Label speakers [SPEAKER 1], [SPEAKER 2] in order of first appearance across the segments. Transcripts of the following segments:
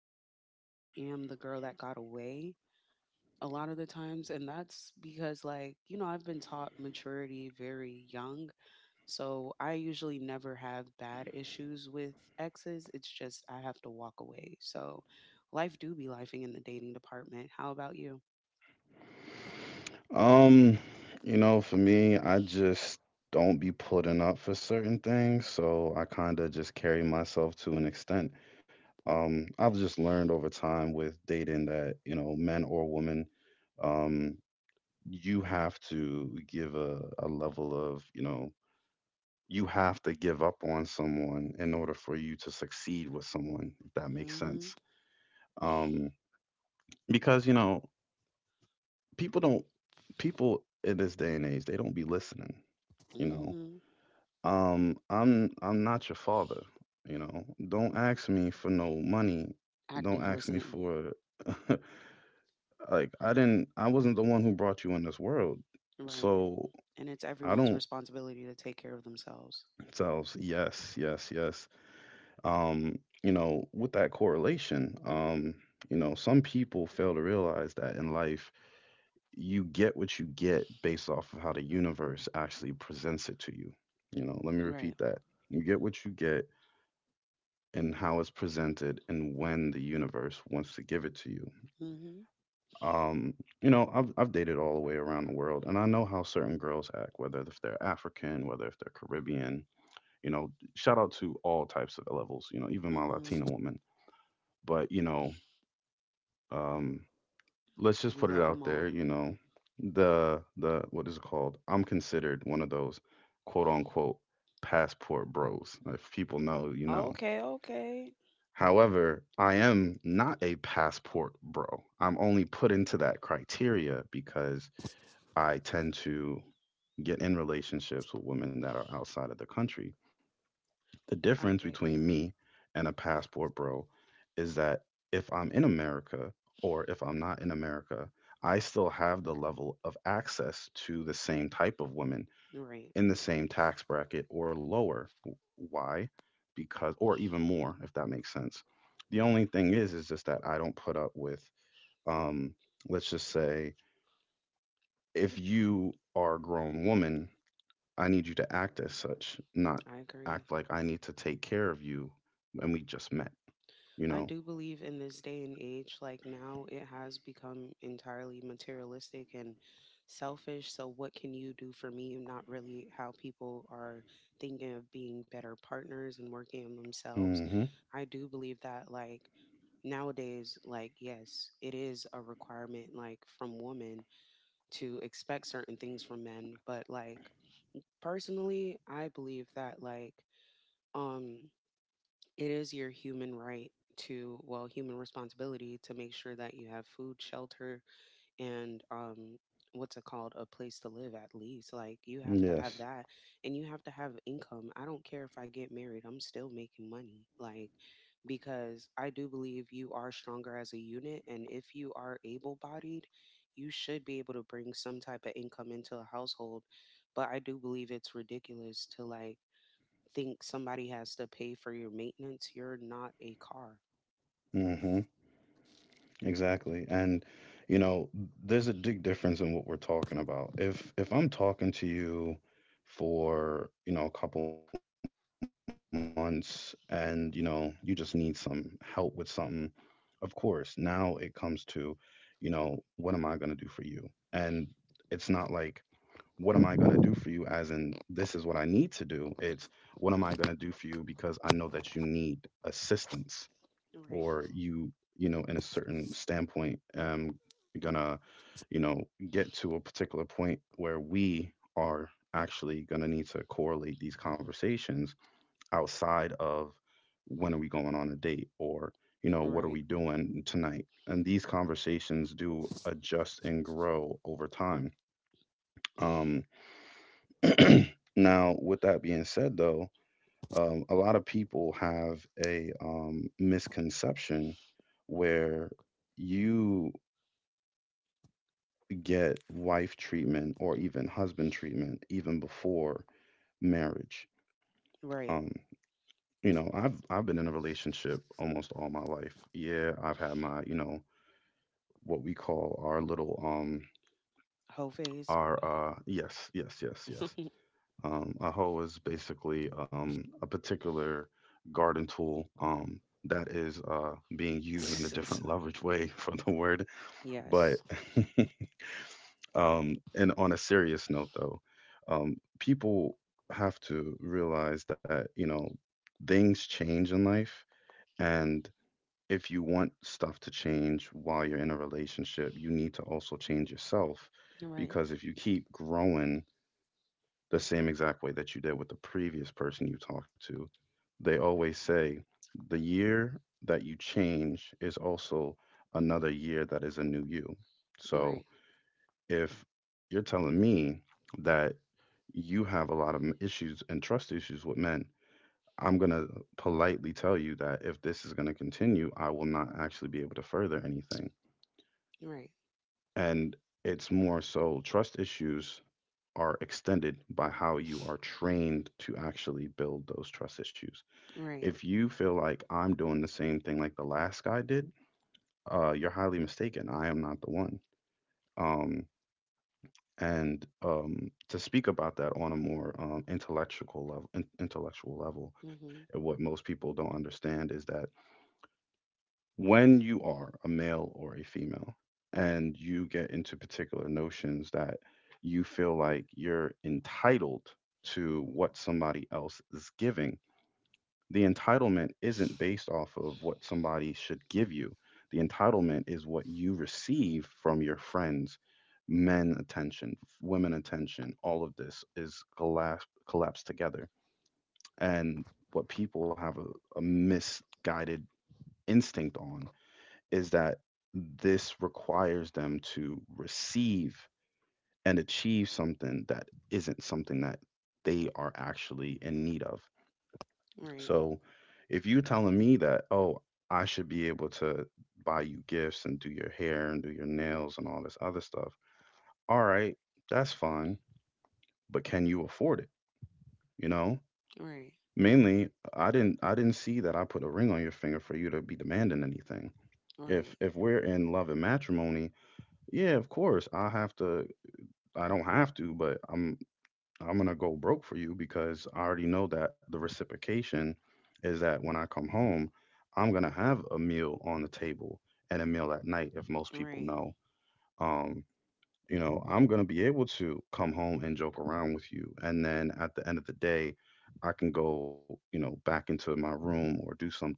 [SPEAKER 1] times I am the girl that got away. A lot of the times, and that's because, like, I've been taught maturity very young. So I usually never have bad issues with exes. It's just I have to walk away. So life do be lifing in the dating department. How about you?
[SPEAKER 2] Um, you know, for me, I just don't be putting up for certain things, so I kind of just carry myself to an extent. I've just learned over time with dating that, you know, men or women, um, you have to give a level of, you know, you have to give up on someone in order for you to succeed with someone if that makes sense.
[SPEAKER 1] Mhm.
[SPEAKER 2] um because you know people don't, people in this day and age they don't be listening, you know.
[SPEAKER 1] Mhm.
[SPEAKER 2] I'm not your father. You know, don't ask me for no money. Don't
[SPEAKER 1] Active
[SPEAKER 2] ask me
[SPEAKER 1] listening.
[SPEAKER 2] for like I wasn't the one who brought you in this world.
[SPEAKER 1] Right.
[SPEAKER 2] So
[SPEAKER 1] And it's
[SPEAKER 2] I
[SPEAKER 1] everyone's
[SPEAKER 2] don't.
[SPEAKER 1] responsibility to take care of themselves.
[SPEAKER 2] Tells yes yes yes. um, you know, with that correlation, you know, some people fail to realize that in life, you get what you get based off of how the universe actually presents it to you. You know, let me repeat
[SPEAKER 1] Right.
[SPEAKER 2] that. You get what you get and how it's presented and when the universe wants to give it to you.
[SPEAKER 1] Mhm.
[SPEAKER 2] Um, you know, I've dated all the way around the world and I know how certain girls act, whether if they're African, whether if they're Caribbean, you know, shout out to all types of levels, you know, even my Latina
[SPEAKER 1] Mhm.
[SPEAKER 2] woman. But you know, um let's just
[SPEAKER 1] We
[SPEAKER 2] put it
[SPEAKER 1] love
[SPEAKER 2] out
[SPEAKER 1] them
[SPEAKER 2] there,
[SPEAKER 1] all.
[SPEAKER 2] you know, the what is it called, I'm considered one of those, quote unquote, passport bros, if people know, you know.
[SPEAKER 1] Okay, okay.
[SPEAKER 2] However, I am not a passport bro. I'm only put into that criteria because I tend to get in relationships with women that are outside of the country. The difference
[SPEAKER 1] I get
[SPEAKER 2] between
[SPEAKER 1] you.
[SPEAKER 2] me and a passport bro is that if I'm in America or if I'm not in America, I still have the level of access to the same type of women
[SPEAKER 1] Right.
[SPEAKER 2] in the same tax bracket or lower. Why? Because, or even more, if that makes sense. The only thing is just that I don't put up with, um, let's just say, if you are a grown woman, I need you to act as such, not
[SPEAKER 1] I
[SPEAKER 2] act
[SPEAKER 1] agree.
[SPEAKER 2] like I need to take care of you when we just met, you
[SPEAKER 1] I
[SPEAKER 2] know?
[SPEAKER 1] do believe in this day and age, like, now it has become entirely materialistic and selfish. So, what can you do for me? And not really how people are thinking of being better partners and working on themselves.
[SPEAKER 2] Mm-hmm.
[SPEAKER 1] I do believe that, like, nowadays, like, yes, it is a requirement, like, from women to expect certain things from men. But, like, personally, I believe that, like, um, it is your human right to, well, human responsibility to make sure that you have food, shelter, and what's it called, a place to live, at least. Like, you have to have
[SPEAKER 2] Yes.
[SPEAKER 1] that, and you have to have income. I don't care if I get married, I'm still making money. Like, because I do believe you are stronger as a unit, and if you are able bodied, you should be able to bring some type of income into a household. But I do believe it's ridiculous to, like, think somebody has to pay for your maintenance. You're not a car.
[SPEAKER 2] Mm-hmm. Exactly. And you know, there's a big difference in what we're talking about. If I'm talking to you for, you know, a couple months and, you know, you just need some help with something, of course, now it comes to, you know, what am I going to do for you? And it's not like what am I going to do for you? As in, this is what I need to do. It's what am I going to do for you because I know that you need assistance or
[SPEAKER 1] Right.
[SPEAKER 2] you know, in a certain standpoint, gonna, you know, get to a particular point where we are actually gonna need to correlate these conversations outside of when are we going on a date or you know what are
[SPEAKER 1] Right,
[SPEAKER 2] we doing tonight, and these conversations do adjust and grow over time. Um, Now, with that being said, though, a lot of people have a misconception where you get wife treatment or even husband treatment even before marriage. Um,
[SPEAKER 1] right.
[SPEAKER 2] you know, I've been in a relationship almost all my life. Yeah, I've had my you know what we call our little
[SPEAKER 1] Whole phase.
[SPEAKER 2] our yes yes yes yes. A hoe is basically a particular garden tool that is being used in a different leverage way for the word.
[SPEAKER 1] Yes.
[SPEAKER 2] But and on a serious note, though, people have to realize that you know things change in life, and if you want stuff to change while you're in a relationship, you need to also change yourself,
[SPEAKER 1] Right,
[SPEAKER 2] because if you keep growing the same exact way that you did with the previous person you talked to. They always say the year that you change is also another year that is a new you. So
[SPEAKER 1] right,
[SPEAKER 2] if you're telling me that you have a lot of issues and trust issues with men, I'm going to politely tell you that if this is going to continue, I will not actually be able to further anything.
[SPEAKER 1] right,
[SPEAKER 2] And it's more so trust issues are extended by how you are trained to actually build those trust issues.
[SPEAKER 1] right.
[SPEAKER 2] If you feel like I'm doing the same thing like the last guy did, you're highly mistaken. I am not the one. Um, and to speak about that on a more intellectual level, intellectual level, and
[SPEAKER 1] Mm-hmm.
[SPEAKER 2] what most people don't understand is that when you are a male or a female and you get into particular notions that you feel like you're entitled to what somebody else is giving, the entitlement isn't based off of what somebody should give you. The entitlement is what you receive from your friends, men attention, women attention, all of this is collapsed together. And what people have a misguided instinct on is that this requires them to receive and achieve something that isn't something that they are actually in need of.
[SPEAKER 1] Right,
[SPEAKER 2] So if you're telling me that, oh, I should be able to buy you gifts and do your hair and do your nails and all this other stuff, all right, that's fine. But can you afford it? You know?
[SPEAKER 1] right,
[SPEAKER 2] Mainly I didn't see that I put a ring on your finger for you to be demanding anything. If
[SPEAKER 1] right,
[SPEAKER 2] if we're in love and matrimony, yeah, of course. I don't have to, but I'm gonna go broke for you because I already know that the reciprocation is that when I come home, I'm gonna have a meal on the table and a meal at night if most people
[SPEAKER 1] right,
[SPEAKER 2] know. Um, you know, I'm gonna be able to come home and joke around with you. And then at the end of the day, I can go, you know, back into my room or do something,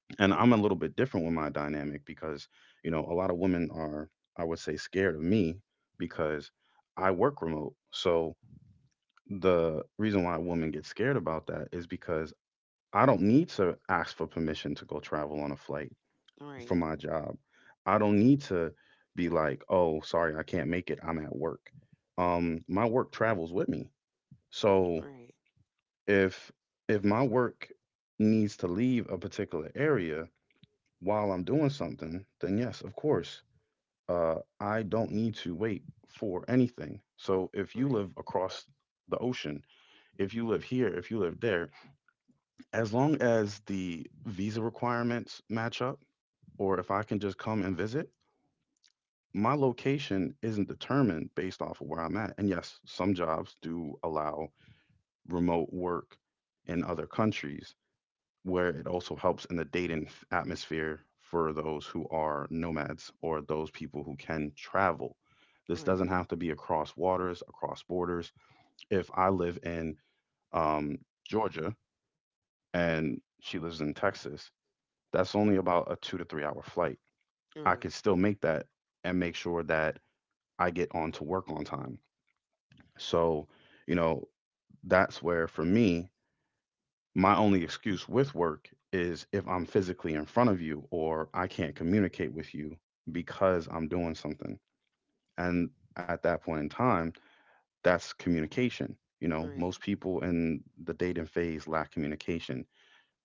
[SPEAKER 2] and I'm a little bit different with my dynamic because, you know, a lot of women are, I would say, scared of me because I work remote. So the reason why women get scared about that is because I don't need to ask for permission to go travel on a flight
[SPEAKER 1] right,
[SPEAKER 2] for
[SPEAKER 1] right,
[SPEAKER 2] my job. I don't need to be like, oh, sorry, I can't make it. I'm at work. My work travels with me. So
[SPEAKER 1] right,
[SPEAKER 2] if if my work needs to leave a particular area, while I'm doing something, then yes, of course, I don't need to wait for anything. So if you live across the ocean, if you live here, if you live there, as long as the visa requirements match up, or if I can just come and visit, my location isn't determined based off of where I'm at. And yes, some jobs do allow remote work in other countries where it also helps in the dating atmosphere for those who are nomads or those people who can travel. This doesn't have to be across waters, across borders. If I live in um, Georgia and she lives in Texas, that's only about a 2 to 3 hour flight. I could
[SPEAKER 1] right,
[SPEAKER 2] still make that and make sure that I get on to work on time. So, you know, that's where for me, my only excuse with work is if I'm physically in front of you or I can't communicate with you because I'm doing something. And at that point in time, that's communication. You
[SPEAKER 1] right,
[SPEAKER 2] know,
[SPEAKER 1] right,
[SPEAKER 2] most people in the dating phase lack communication.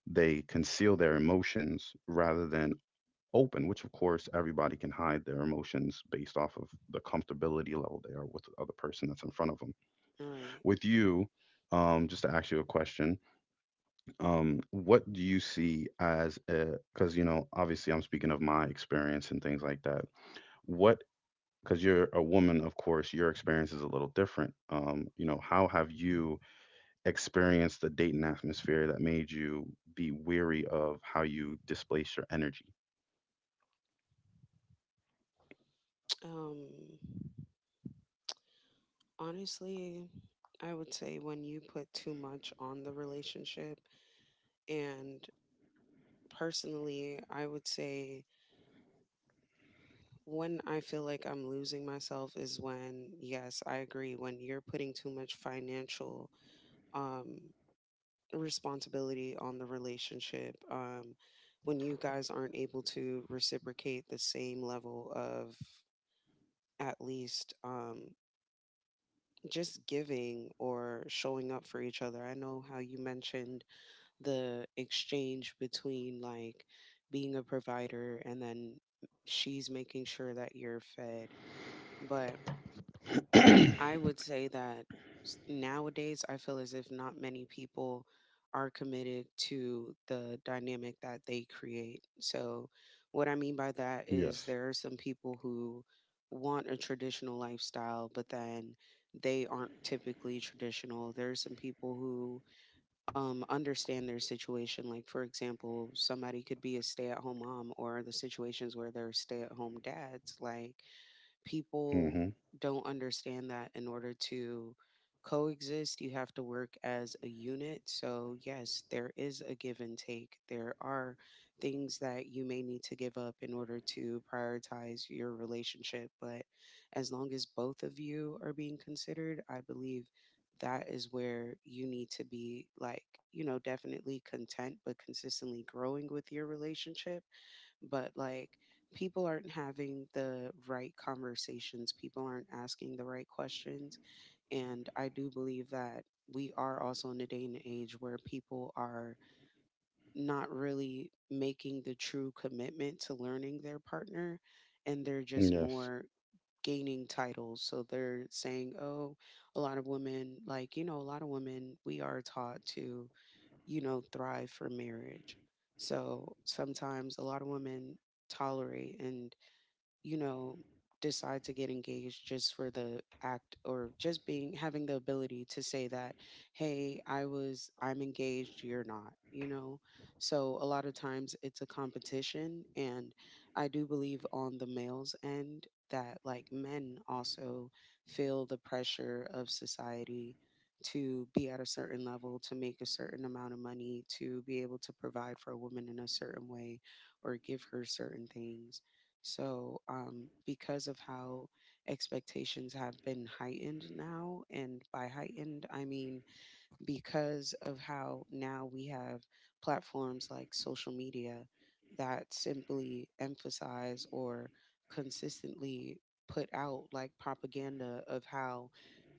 [SPEAKER 2] They conceal their emotions rather than open, which of course everybody can hide their emotions based off of the comfortability level they are with the other person that's in front of them.
[SPEAKER 1] right.
[SPEAKER 2] With you, just to ask you a question, what do you see as a because obviously I'm speaking of my experience and things like that. What Because you're a woman, of course your experience is a little different. How have you experienced the dating atmosphere that made you be weary of how you displace your energy?
[SPEAKER 1] Um, honestly, I would say when you put too much on the relationship, and personally, I would say when I feel like I'm losing myself is when, yes, I agree, when you're putting too much financial um, responsibility on the relationship, when you guys aren't able to reciprocate the same level of, at least, just giving or showing up for each other. I know how you mentioned the exchange between, like, being a provider and then she's making sure that you're fed. But I would say that nowadays I feel as if not many people are committed to the dynamic that they create. So, what I mean
[SPEAKER 2] Yes.
[SPEAKER 1] by that is there are some people who want a traditional lifestyle, but then they aren't typically traditional. There are some people who understand their situation. Like, for example, somebody could be a stay at home mom, or the situations where they're stay at home dads. Like,
[SPEAKER 2] Mm-hmm.
[SPEAKER 1] people don't understand that in order to coexist, you have to work as a unit. So, yes, there is a give and take. There are things that you may need to give up in order to prioritize your relationship. But as long as both of you are being considered, I believe that is where you need to be, like, you know, definitely content, but consistently growing with your relationship. But, like, people aren't having the right conversations, people aren't asking the right questions. And I do believe that we are also in a day and age where people are not really making the true commitment to learning their partner, and they're just
[SPEAKER 2] Yes.
[SPEAKER 1] more gaining titles. So they're saying, oh, a lot of women, like, you know, a lot of women, we are taught to, thrive for marriage. So sometimes a lot of women tolerate and, you know, decide to get engaged just for the act or just being having the ability to say that, hey, I'm engaged, you're not, you know? So a lot of times it's a competition. And I do believe on the male's end that, like, men also feel the pressure of society to be at a certain level, to make a certain amount of money, to be able to provide for a woman in a certain way or give her certain things. So, because of how expectations have been heightened now, and by heightened, I mean because of how now we have platforms like social media that simply emphasize or consistently put out, like, propaganda of how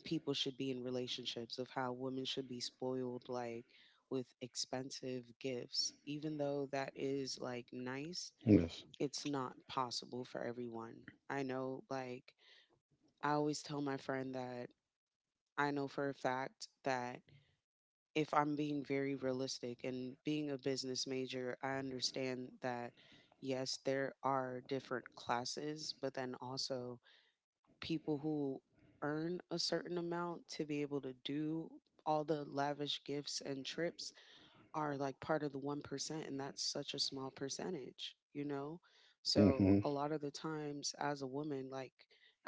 [SPEAKER 1] people should be in relationships, of how women should be spoiled, like, with expensive gifts, even though that
[SPEAKER 2] Yes.
[SPEAKER 1] is, like, nice, it's not possible for everyone. I know, like, I always tell my friend that I know for a fact that if I'm being very realistic and being a business major, I understand that yes, there are different classes, but then also people who earn a certain amount to be able to do all the lavish gifts and trips are like part of the 1%, and that's such a small percentage, you know?
[SPEAKER 2] Mm-hmm.
[SPEAKER 1] So a lot of the times, as a woman, like,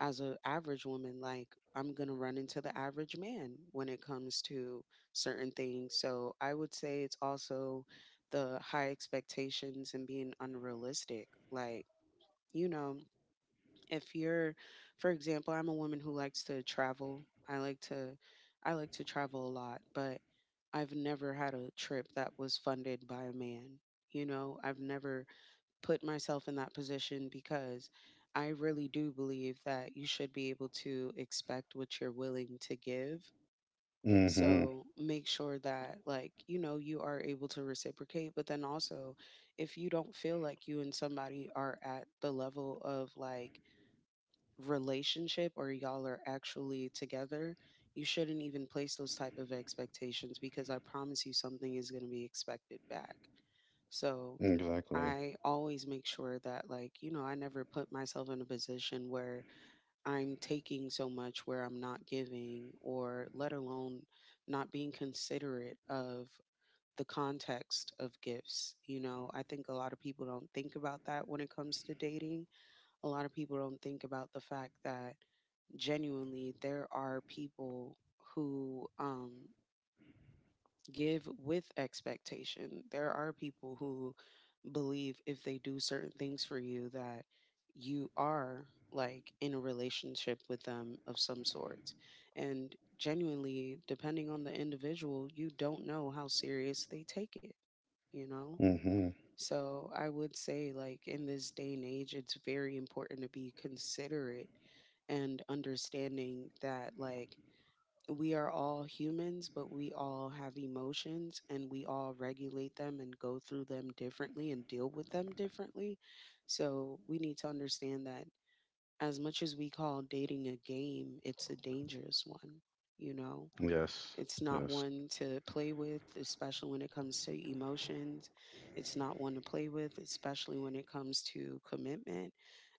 [SPEAKER 1] as an average woman, like, I'm going to run into the average man when it comes to certain things. So I would say it's also the high expectations and being unrealistic. Like, you know, if you're, for example, I'm a woman who likes to travel. I like to travel a lot. But I've never had a trip that was funded by a man, you know? I've never put myself in that position because I really do believe that you should be able to expect what you're willing to give.
[SPEAKER 2] Mm-hmm.
[SPEAKER 1] So make sure that, like, you know, you are able to reciprocate, but then also if you don't feel like you and somebody are at the level of, like, relationship or y'all are actually together, you shouldn't even place those type of expectations, because I promise you something is going to be expected back. So
[SPEAKER 2] Exactly.
[SPEAKER 1] I always make sure that, like, you know, I never put myself in a position where I'm taking so much where I'm not giving, or let alone not being considerate of the context of gifts. You know, I think a lot of people don't think about that when it comes to dating. A lot of people don't think about the fact that genuinely there are people who give with expectation. There are people who believe if they do certain things for you that you are like in a relationship with them of some sort. And genuinely, depending on the individual, you don't know how serious they take it, you know?
[SPEAKER 2] Mm-hmm.
[SPEAKER 1] So I would say, like, in this day and age, it's very important to be considerate and understanding that, like, we are all humans, but we all have emotions and we all regulate them and go through them differently and deal with them differently. So we need to understand that as much as we call dating a game, it's a dangerous one, you know?
[SPEAKER 2] Yes.
[SPEAKER 1] It's not
[SPEAKER 2] Yes.
[SPEAKER 1] one to play with, especially when it comes to emotions. It's not one to play with, especially when it comes to commitment.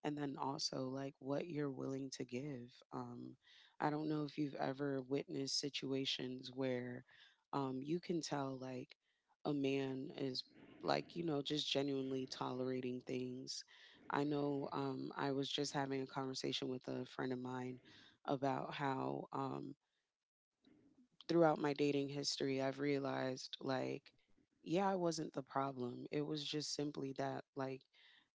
[SPEAKER 1] And then also, like, what you're willing to give. I don't know if you've ever witnessed situations where you can tell, like, a man is, like, you know, just genuinely tolerating things. I know, I was just having a conversation with a friend of mine about how. Throughout my dating history, I've realized, like, yeah, I wasn't the problem. It was just simply that, like,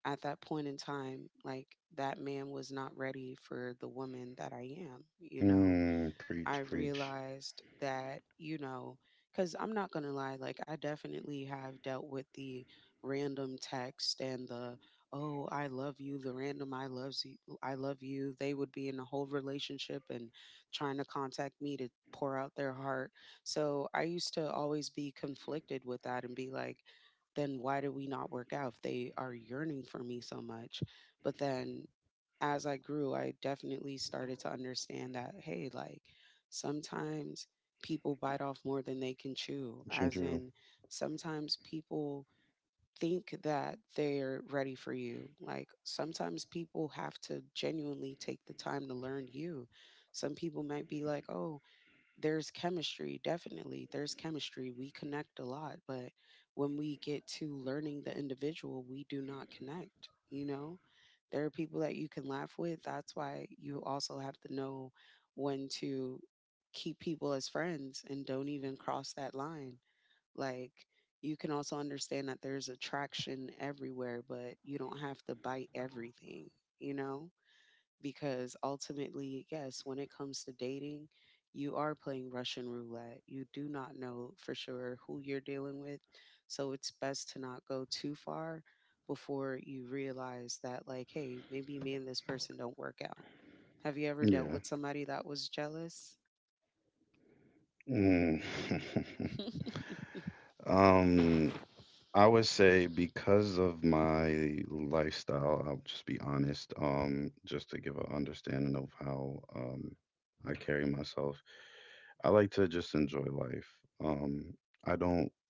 [SPEAKER 1] at that point in time, like, that man was not ready for the woman that I am, you know?
[SPEAKER 2] Mm,
[SPEAKER 1] I
[SPEAKER 2] preach, preach.
[SPEAKER 1] realized that, you know, because I'm not going to lie, like, I definitely have dealt with the random text and the, oh, I love you, the random I loves you, I love you. They would be in a whole relationship and trying to contact me to pour out their heart. So I used to always be conflicted with that and be like, then why did we not work out if they are yearning for me so much? But then as I grew, I definitely started to understand that, hey, like, sometimes people bite off more than they can chew, as
[SPEAKER 2] Ginger.
[SPEAKER 1] in sometimes people think that they're ready for you. Like, sometimes people have to genuinely take the time to learn you. Some people might be like, oh, there's chemistry, definitely there's chemistry, we connect a lot, but when we get to learning the individual, we do not connect, you know? There are people that you can laugh with. That's why you also have to know when to keep people as friends and don't even cross that line. Like, you can also understand that there's attraction everywhere, but you don't have to bite everything, you know? Because ultimately, yes, when it comes to dating, you are playing Russian roulette. You do not know for sure who you're dealing with. So it's best to not go too far before you realize that, like, hey, maybe me and this person don't work out. Have you ever
[SPEAKER 2] Yeah.
[SPEAKER 1] dealt with somebody that was jealous?
[SPEAKER 2] Mm. Um, I would say because of my lifestyle, I'll just be honest, just to give an understanding of how I carry myself. I like to just enjoy life. Um, I don't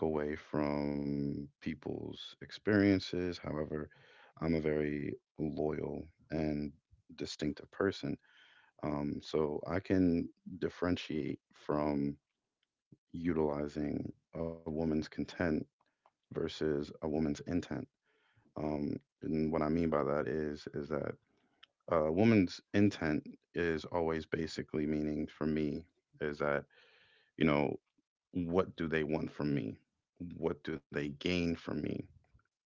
[SPEAKER 2] take away from people's experiences. However, I'm a very loyal and distinctive person. So I can differentiate from utilizing a woman's content versus a woman's intent. Um, and what I mean by that is that a woman's intent is always basically meaning for me is that, you know what do they want from me, what do they gain from me?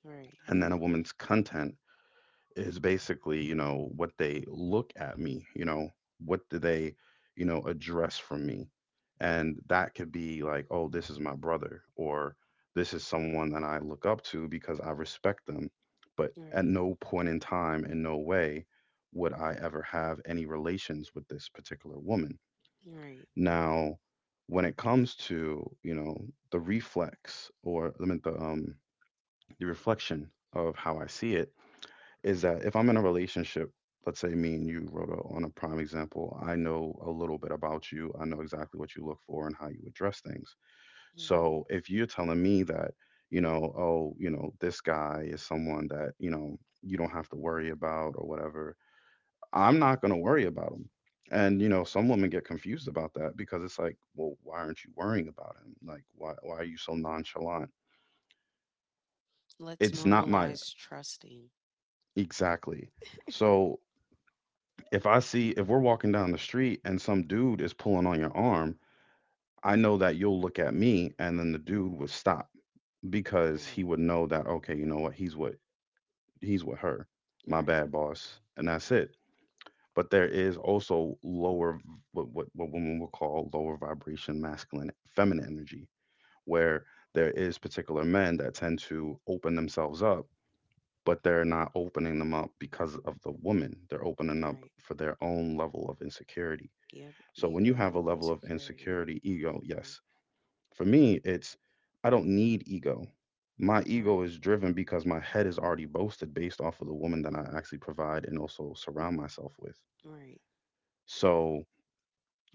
[SPEAKER 1] Right,
[SPEAKER 2] And then a woman's content is basically, what they look at me, what do they, address from me? And that could be like, oh, this is my brother, or this is someone that I look up to because I respect them. But at
[SPEAKER 1] right,
[SPEAKER 2] no point in time, in no way, would I ever have any relations with this particular woman.
[SPEAKER 1] right.
[SPEAKER 2] Now, when it comes to, the reflex, or I mean, the reflection of how I see it, is that if I'm in a relationship, let's say me and you, Rhoda, on a prime example, I know a little bit about you. I know exactly what you look for and how you address things.
[SPEAKER 1] Mm-hmm.
[SPEAKER 2] So if you're telling me that, oh, this guy is someone that, you don't have to worry about or whatever, I'm not going to worry about him. And some women get confused about that because it's like, well, why aren't you worrying about him? Like, why are you so nonchalant?
[SPEAKER 1] Let's
[SPEAKER 2] It's not my.
[SPEAKER 1] normalize trusting.
[SPEAKER 2] Exactly. So, If I see if we're walking down the street and some dude is pulling on your arm, I know that you'll look at me and then the dude would stop because he
[SPEAKER 1] Right,
[SPEAKER 2] would know that, okay, you know what, he's with her. My
[SPEAKER 1] right,
[SPEAKER 2] bad, boss. And that's it. But there is also lower what women will call lower vibration masculine feminine energy, where there is particular men that tend to open themselves up, but they're not opening them up because of the woman. They're opening up
[SPEAKER 1] right.
[SPEAKER 2] for their own level of insecurity.
[SPEAKER 1] Yep,
[SPEAKER 2] So when you have
[SPEAKER 1] ego
[SPEAKER 2] a
[SPEAKER 1] and
[SPEAKER 2] level of
[SPEAKER 1] insecurity.
[SPEAKER 2] insecurity, ego,
[SPEAKER 1] Mm-hmm.
[SPEAKER 2] yes. For me, it's I don't need ego. My ego
[SPEAKER 1] Right.
[SPEAKER 2] is driven because my head is already boasted based off of the woman that I actually provide and also surround myself with.
[SPEAKER 1] Right.
[SPEAKER 2] So,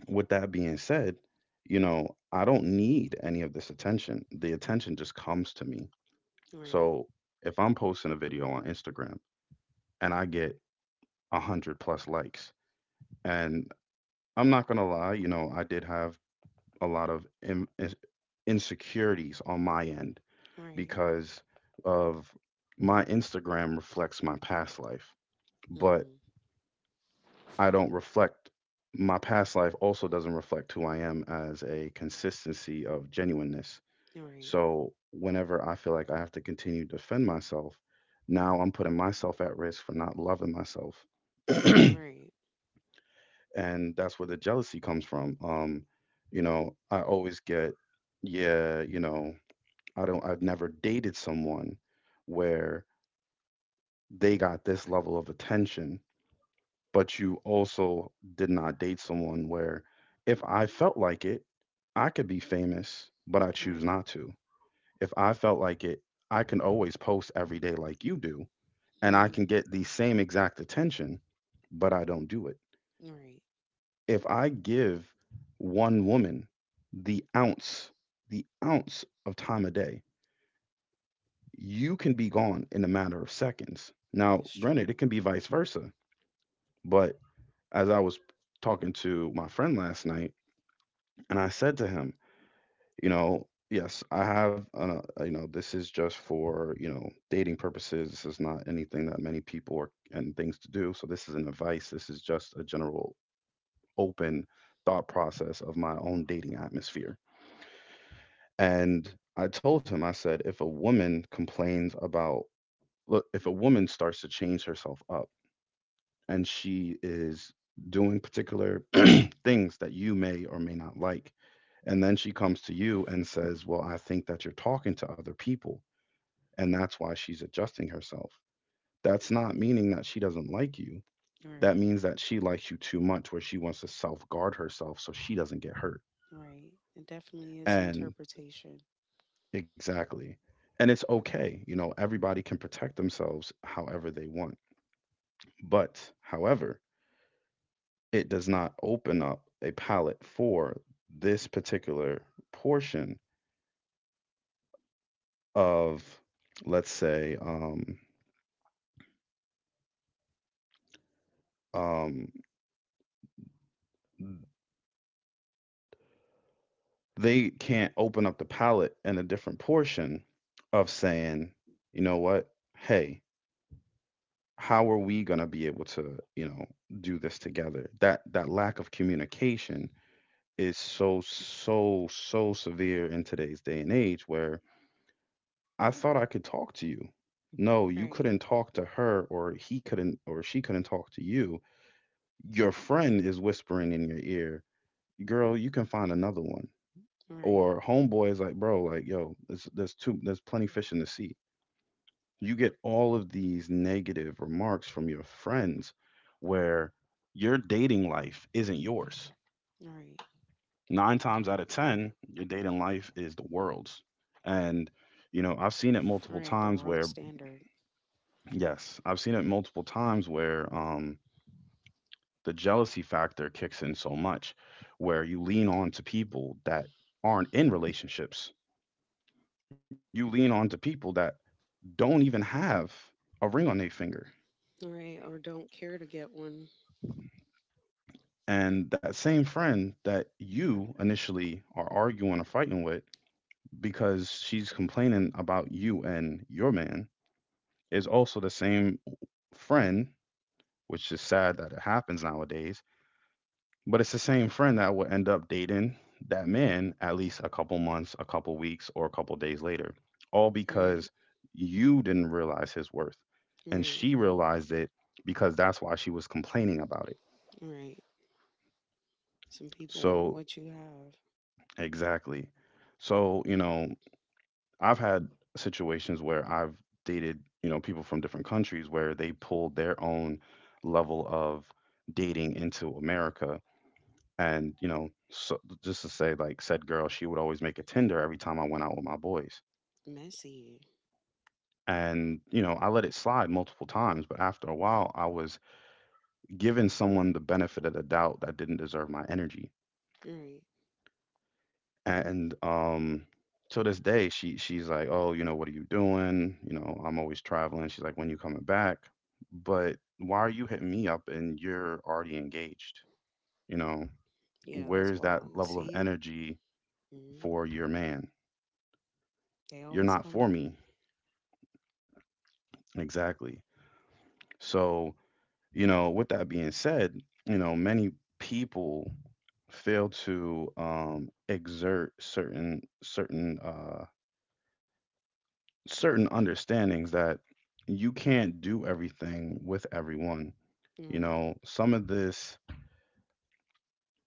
[SPEAKER 2] with that being said, I don't need any of this attention. The attention just comes to me.
[SPEAKER 1] Right.
[SPEAKER 2] So if I'm posting a video on Instagram and I get 100+ likes, and I'm not gonna lie, I did have a lot of insecurities on my end
[SPEAKER 1] Right.
[SPEAKER 2] because of my Instagram reflects my past life, but
[SPEAKER 1] Mm.
[SPEAKER 2] I don't reflect my past life also doesn't reflect who I am as a consistency of genuineness.
[SPEAKER 1] Right.
[SPEAKER 2] So whenever I feel like I have to continue to defend myself, now I'm putting myself at risk for not loving myself. And
[SPEAKER 1] Right.
[SPEAKER 2] that's where the jealousy comes from. I always get, yeah, I've never dated someone where they got this level of attention, but you also did not date someone where, if I felt like it, I could be famous, but I choose
[SPEAKER 1] Right.
[SPEAKER 2] not to. If I felt like it, I can always post every day like you do, and I can
[SPEAKER 1] Mhm.
[SPEAKER 2] get the same exact attention, but I don't do it.
[SPEAKER 1] Right.
[SPEAKER 2] If I give one woman the ounce, the ounce, of time a day, you can be gone in a matter of seconds. Now,
[SPEAKER 1] It's
[SPEAKER 2] granted,
[SPEAKER 1] true.
[SPEAKER 2] it can be vice versa, but as I was talking to my friend last night, and I said to him, yes, this is just for, dating purposes. This is not anything that many people are and things to do. So this isn't advice. This is just a general open thought process of my own dating atmosphere. And I told him, I said, if a woman complains about, look, if a woman starts to change herself up, and she is doing particular things that you may or may not like. And then she comes to you and says, well, I think that you're talking to other people. And that's why she's adjusting herself. That's not meaning that she doesn't like you. That
[SPEAKER 1] Right.
[SPEAKER 2] means that she likes you too much, where she wants to self guard herself so she doesn't get hurt.
[SPEAKER 1] Right. It definitely is
[SPEAKER 2] And
[SPEAKER 1] interpretation.
[SPEAKER 2] exactly. And it's okay. Everybody can protect themselves however they want. But, however, it does not open up a palette for this particular portion of, let's say, um, they can't open up the palette in a different portion of saying, you know what, hey, how are we going to be able to, do this together? That lack of communication is so so so severe in today's day and age where I thought I could talk to you. No, you
[SPEAKER 1] Right.
[SPEAKER 2] couldn't talk to her, or he couldn't, or she couldn't talk to you. Your friend is whispering in your ear, girl, you can find another one.
[SPEAKER 1] Right.
[SPEAKER 2] Or homeboy is like, bro, like, yo, there's plenty fish in the sea. You get all of these negative remarks from your friends where your dating life isn't yours.
[SPEAKER 1] Right.
[SPEAKER 2] Nine times out of 10, your dating life is the world's. And, I've seen it multiple
[SPEAKER 1] Right. The
[SPEAKER 2] times
[SPEAKER 1] world
[SPEAKER 2] where
[SPEAKER 1] standard.
[SPEAKER 2] yes, I've seen it multiple times where the jealousy factor kicks in so much, where you lean on to people that aren't in relationships. You lean on to people that don't even have a ring on their finger.
[SPEAKER 1] Right. Or don't care to get one.
[SPEAKER 2] And that same friend that you initially are arguing or fighting with, because she's complaining about you and your man, is also the same friend, which is sad that it happens nowadays. But it's the same friend that will end up dating that man at least a couple months, a couple weeks, or a couple days later, all because
[SPEAKER 1] Right.
[SPEAKER 2] you didn't realize his worth. And
[SPEAKER 1] Right.
[SPEAKER 2] she realized it because that's why she was complaining about it.
[SPEAKER 1] Right. Some people want
[SPEAKER 2] So,
[SPEAKER 1] what you have.
[SPEAKER 2] exactly. So, I've had situations where I've dated, people from different countries where they pulled their own level of dating into America. And so just to say, like said girl, she would always make a Tinder every time I went out with my boys.
[SPEAKER 1] Messy.
[SPEAKER 2] And I let it slide multiple times, but after a while, I was giving someone the benefit of the doubt that didn't deserve my energy.
[SPEAKER 1] Right.
[SPEAKER 2] And to this day, she's like, "Oh, you know, what are you doing? You know, I'm always traveling." She's like, "When you coming back?" But why are you hitting me up and you're already engaged? You know,
[SPEAKER 1] Yeah, that's
[SPEAKER 2] where's that
[SPEAKER 1] wild.
[SPEAKER 2] level of
[SPEAKER 1] See?
[SPEAKER 2] energy for
[SPEAKER 1] Mm.
[SPEAKER 2] your man?
[SPEAKER 1] They
[SPEAKER 2] You're
[SPEAKER 1] always
[SPEAKER 2] not
[SPEAKER 1] come
[SPEAKER 2] for
[SPEAKER 1] back.
[SPEAKER 2] me. Exactly. So, with that being said, many people fail to exert certain understandings that you can't do everything with everyone.
[SPEAKER 1] Right.
[SPEAKER 2] Some of this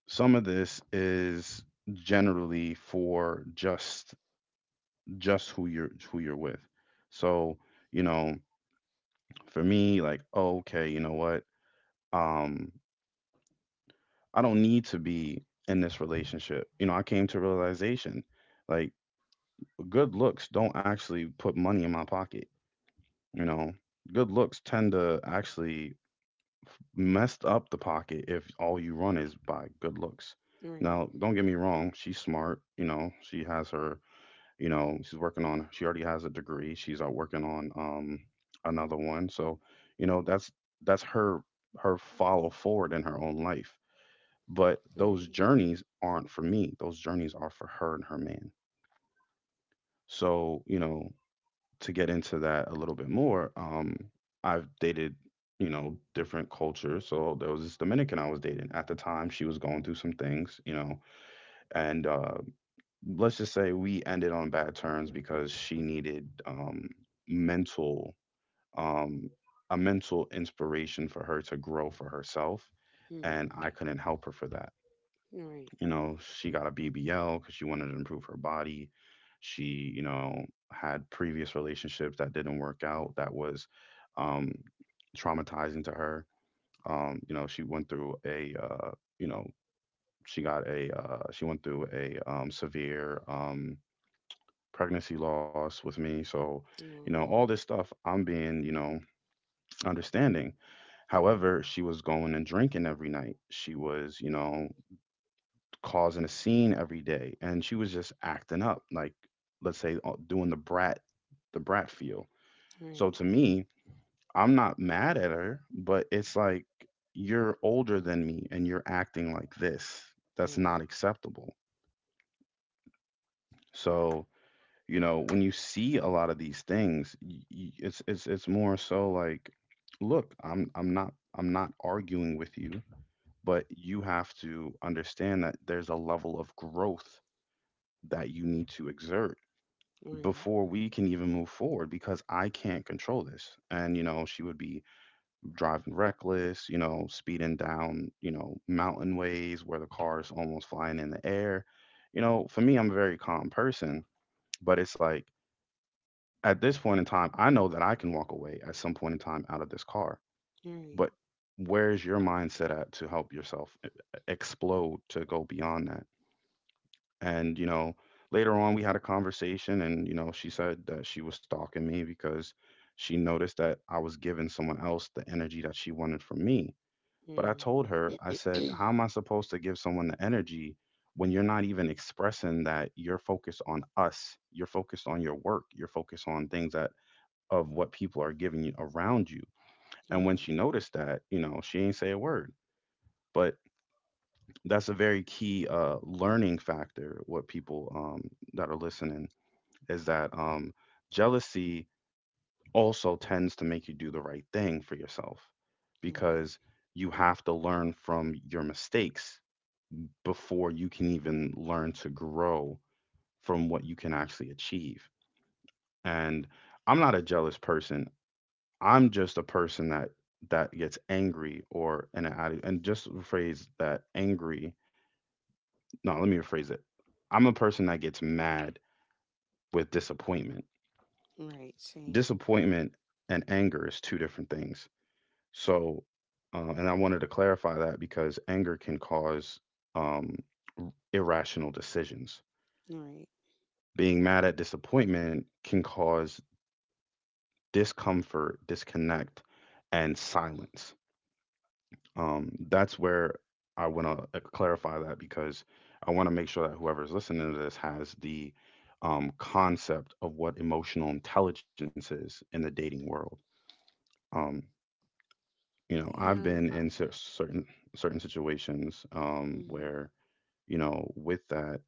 [SPEAKER 2] is generally for just who you're with. So, you know, for me, like, oh, okay, you know what? Um, I don't need to be in this relationship. I came to realization like good looks don't actually put money in my pocket, you know. Good looks tend to actually mess up the pocket if all you run is by good looks.
[SPEAKER 1] Right.
[SPEAKER 2] Now, don't get me wrong, she's smart, you know, she has her, she's working on, she already has a degree. She's out working on another one. So, you know, that's that's her follow forward in her own life, but those
[SPEAKER 1] Right.
[SPEAKER 2] journeys aren't for me. Those journeys are for her and her man. So, to get into that a little bit more, I've dated, different cultures. So there was this Dominican I was dating at the time. She was going through some things, and let's just say we ended on bad terms because she needed mental um a mental inspiration for her to grow for herself,
[SPEAKER 1] Mm.
[SPEAKER 2] and I couldn't help her for that.
[SPEAKER 1] Right.
[SPEAKER 2] She got a BBL because she wanted to improve her body. She, had previous relationships that didn't work out that was um, traumatizing to her. She went through a, you know, she went through a severe pregnancy loss with me. So, all this
[SPEAKER 1] Oh,
[SPEAKER 2] stuff, I'm being, understanding. However, she was going and drinking every night. She was, causing a scene every day, and she was just acting up, like let's say doing the brat feel. So
[SPEAKER 1] right,
[SPEAKER 2] to me, I'm not mad at her, but it's like you're older than me and you're acting like this. That's
[SPEAKER 1] right,
[SPEAKER 2] not acceptable. So you know when you see a lot of these things, it's more so like, look, I'm not arguing with you, but you have to understand that there's a level of growth that you need to exert
[SPEAKER 1] right,
[SPEAKER 2] before we can even move forward because I can't control this. And, you know, she would be driving reckless, you know, speeding down, you know, mountain ways where the car is almost flying in the air. You know, for me, I'm a very calm person, but it's like at this point in time, I know that I can walk away at some point in time out of this car.
[SPEAKER 1] right.
[SPEAKER 2] But where's your mindset at to help yourself explode to go beyond that? And, you know, later on we had a conversation and, you know, she said that she was stalking me because she noticed that I was giving someone else the energy that she wanted from me. But I
[SPEAKER 1] Mm.
[SPEAKER 2] told her, I said, how am I supposed to give someone the energy when you're not even expressing that you're focused on us, you're focused on your work, you're focused on things that of what people are giving you around you. And when
[SPEAKER 1] Right,
[SPEAKER 2] she noticed that, you know, she ain't say a word. But that's a very key learning factor what people that are listening is that jealousy also tends to make you do the right thing for yourself
[SPEAKER 1] right,
[SPEAKER 2] because you have to learn from your mistakes before you can even learn to grow from what you can actually achieve. And I'm not a jealous person. I'm just a person that gets angry or an and just rephrase that angry. No, let me rephrase it. I'm a person that gets mad with disappointment.
[SPEAKER 1] right. Same.
[SPEAKER 2] Disappointment and anger is two different things. So, and I wanted to clarify that because anger can cause um, irrational decisions.
[SPEAKER 1] Right.
[SPEAKER 2] Being mad at disappointment can cause discomfort, disconnect, and silence. That's where I want to clarify that because I want to make sure that whoever's listening to this has the concept of what emotional intelligence is in the dating world. Um, you know, I've
[SPEAKER 1] Yeah.
[SPEAKER 2] been
[SPEAKER 1] Uh,
[SPEAKER 2] in certain situations
[SPEAKER 1] mhm,
[SPEAKER 2] where you know, with that,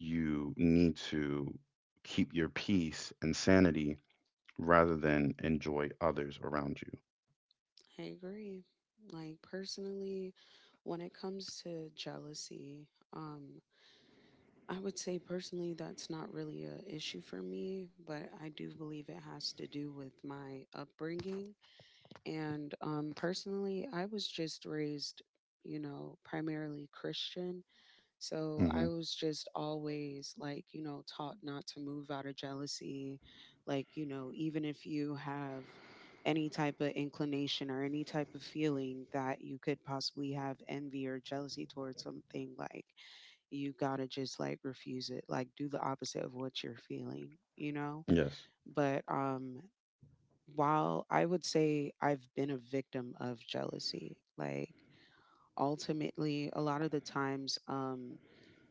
[SPEAKER 2] you need to keep your peace and sanity rather than enjoy others around you.
[SPEAKER 1] I agree. Like personally, when it comes to jealousy, um, I would say personally that's not really a issue for me, but I do believe it has to do with my upbringing. And personally, I was just raised, primarily Christian. So
[SPEAKER 2] Hmm.
[SPEAKER 1] I was just always like, taught not to move out of jealousy. Like, even if you have any type of inclination or any type of feeling that you could possibly have envy or jealousy towards something, like, you gotta just like refuse it, like, do the opposite of what you're feeling, you know?
[SPEAKER 2] Yes.
[SPEAKER 1] But, while I would say I've been a victim of jealousy, like, ultimately, a lot of the times,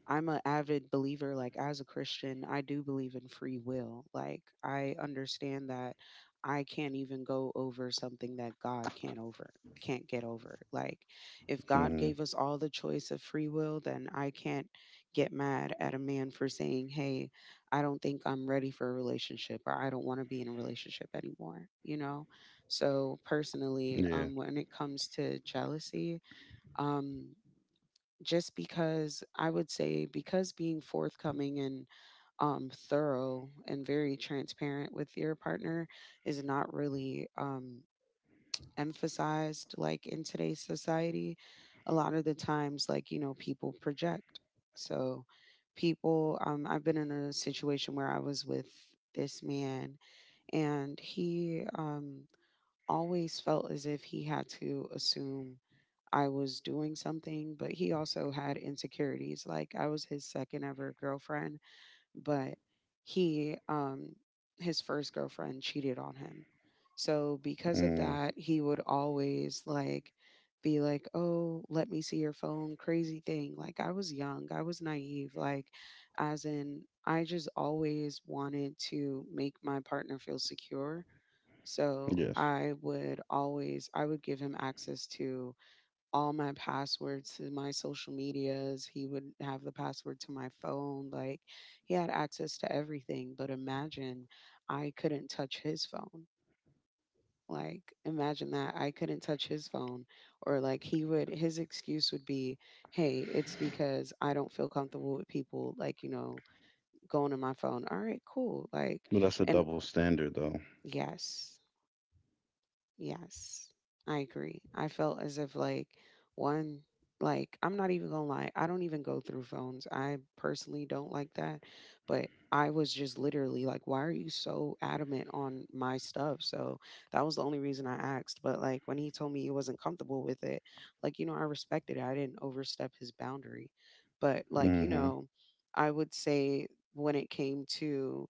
[SPEAKER 1] I'm an avid believer, like as a Christian, I do believe in free will. Like I understand that I can't even go over something that God can't get over. Like if
[SPEAKER 2] Hmm.
[SPEAKER 1] God gave us all the choice of free will, then I can't get mad at a man for saying, hey, I don't think I'm ready for a relationship or I don't want to be in a relationship anymore, you know? So
[SPEAKER 2] Yeah.
[SPEAKER 1] personally, when it comes to jealousy, um just because I would say because being forthcoming and thorough and very transparent with your partner is not really emphasized like in today's society. A lot of the times, like people project. So people, I've been in a situation where I was with this man, and he always felt as if he had to assume I was doing something, but he also had insecurities. Like I was his second ever girlfriend, but he his first girlfriend cheated on him. So because
[SPEAKER 2] Mm.
[SPEAKER 1] of that, he would always like be like, "Oh, let me see your phone." Crazy thing. Like I was young, I was naive, like as in I just always wanted to make my partner feel secure. So
[SPEAKER 2] Yes.
[SPEAKER 1] I would give him access to all my passwords to my social medias. He would have the password to my phone. Like he had access to everything. But imagine I couldn't touch his phone. Like imagine that I couldn't touch his phone. Or like he would, his excuse would be, hey, it's because I don't feel comfortable with people, like, going to my phone. All right, cool. Like,
[SPEAKER 2] Well, that's a
[SPEAKER 1] and
[SPEAKER 2] double standard, though.
[SPEAKER 1] yes. Yes, I agree. I felt as if like one, like I'm not even gonna lie, I don't even go through phones. I personally don't like that, but I was just literally like, why are you so adamant on my stuff? So that was the only reason I asked. But like when he told me he wasn't comfortable with it, like, I respected it. I didn't overstep his boundary. But like, you
[SPEAKER 2] Hmm.
[SPEAKER 1] know, I would say when it came to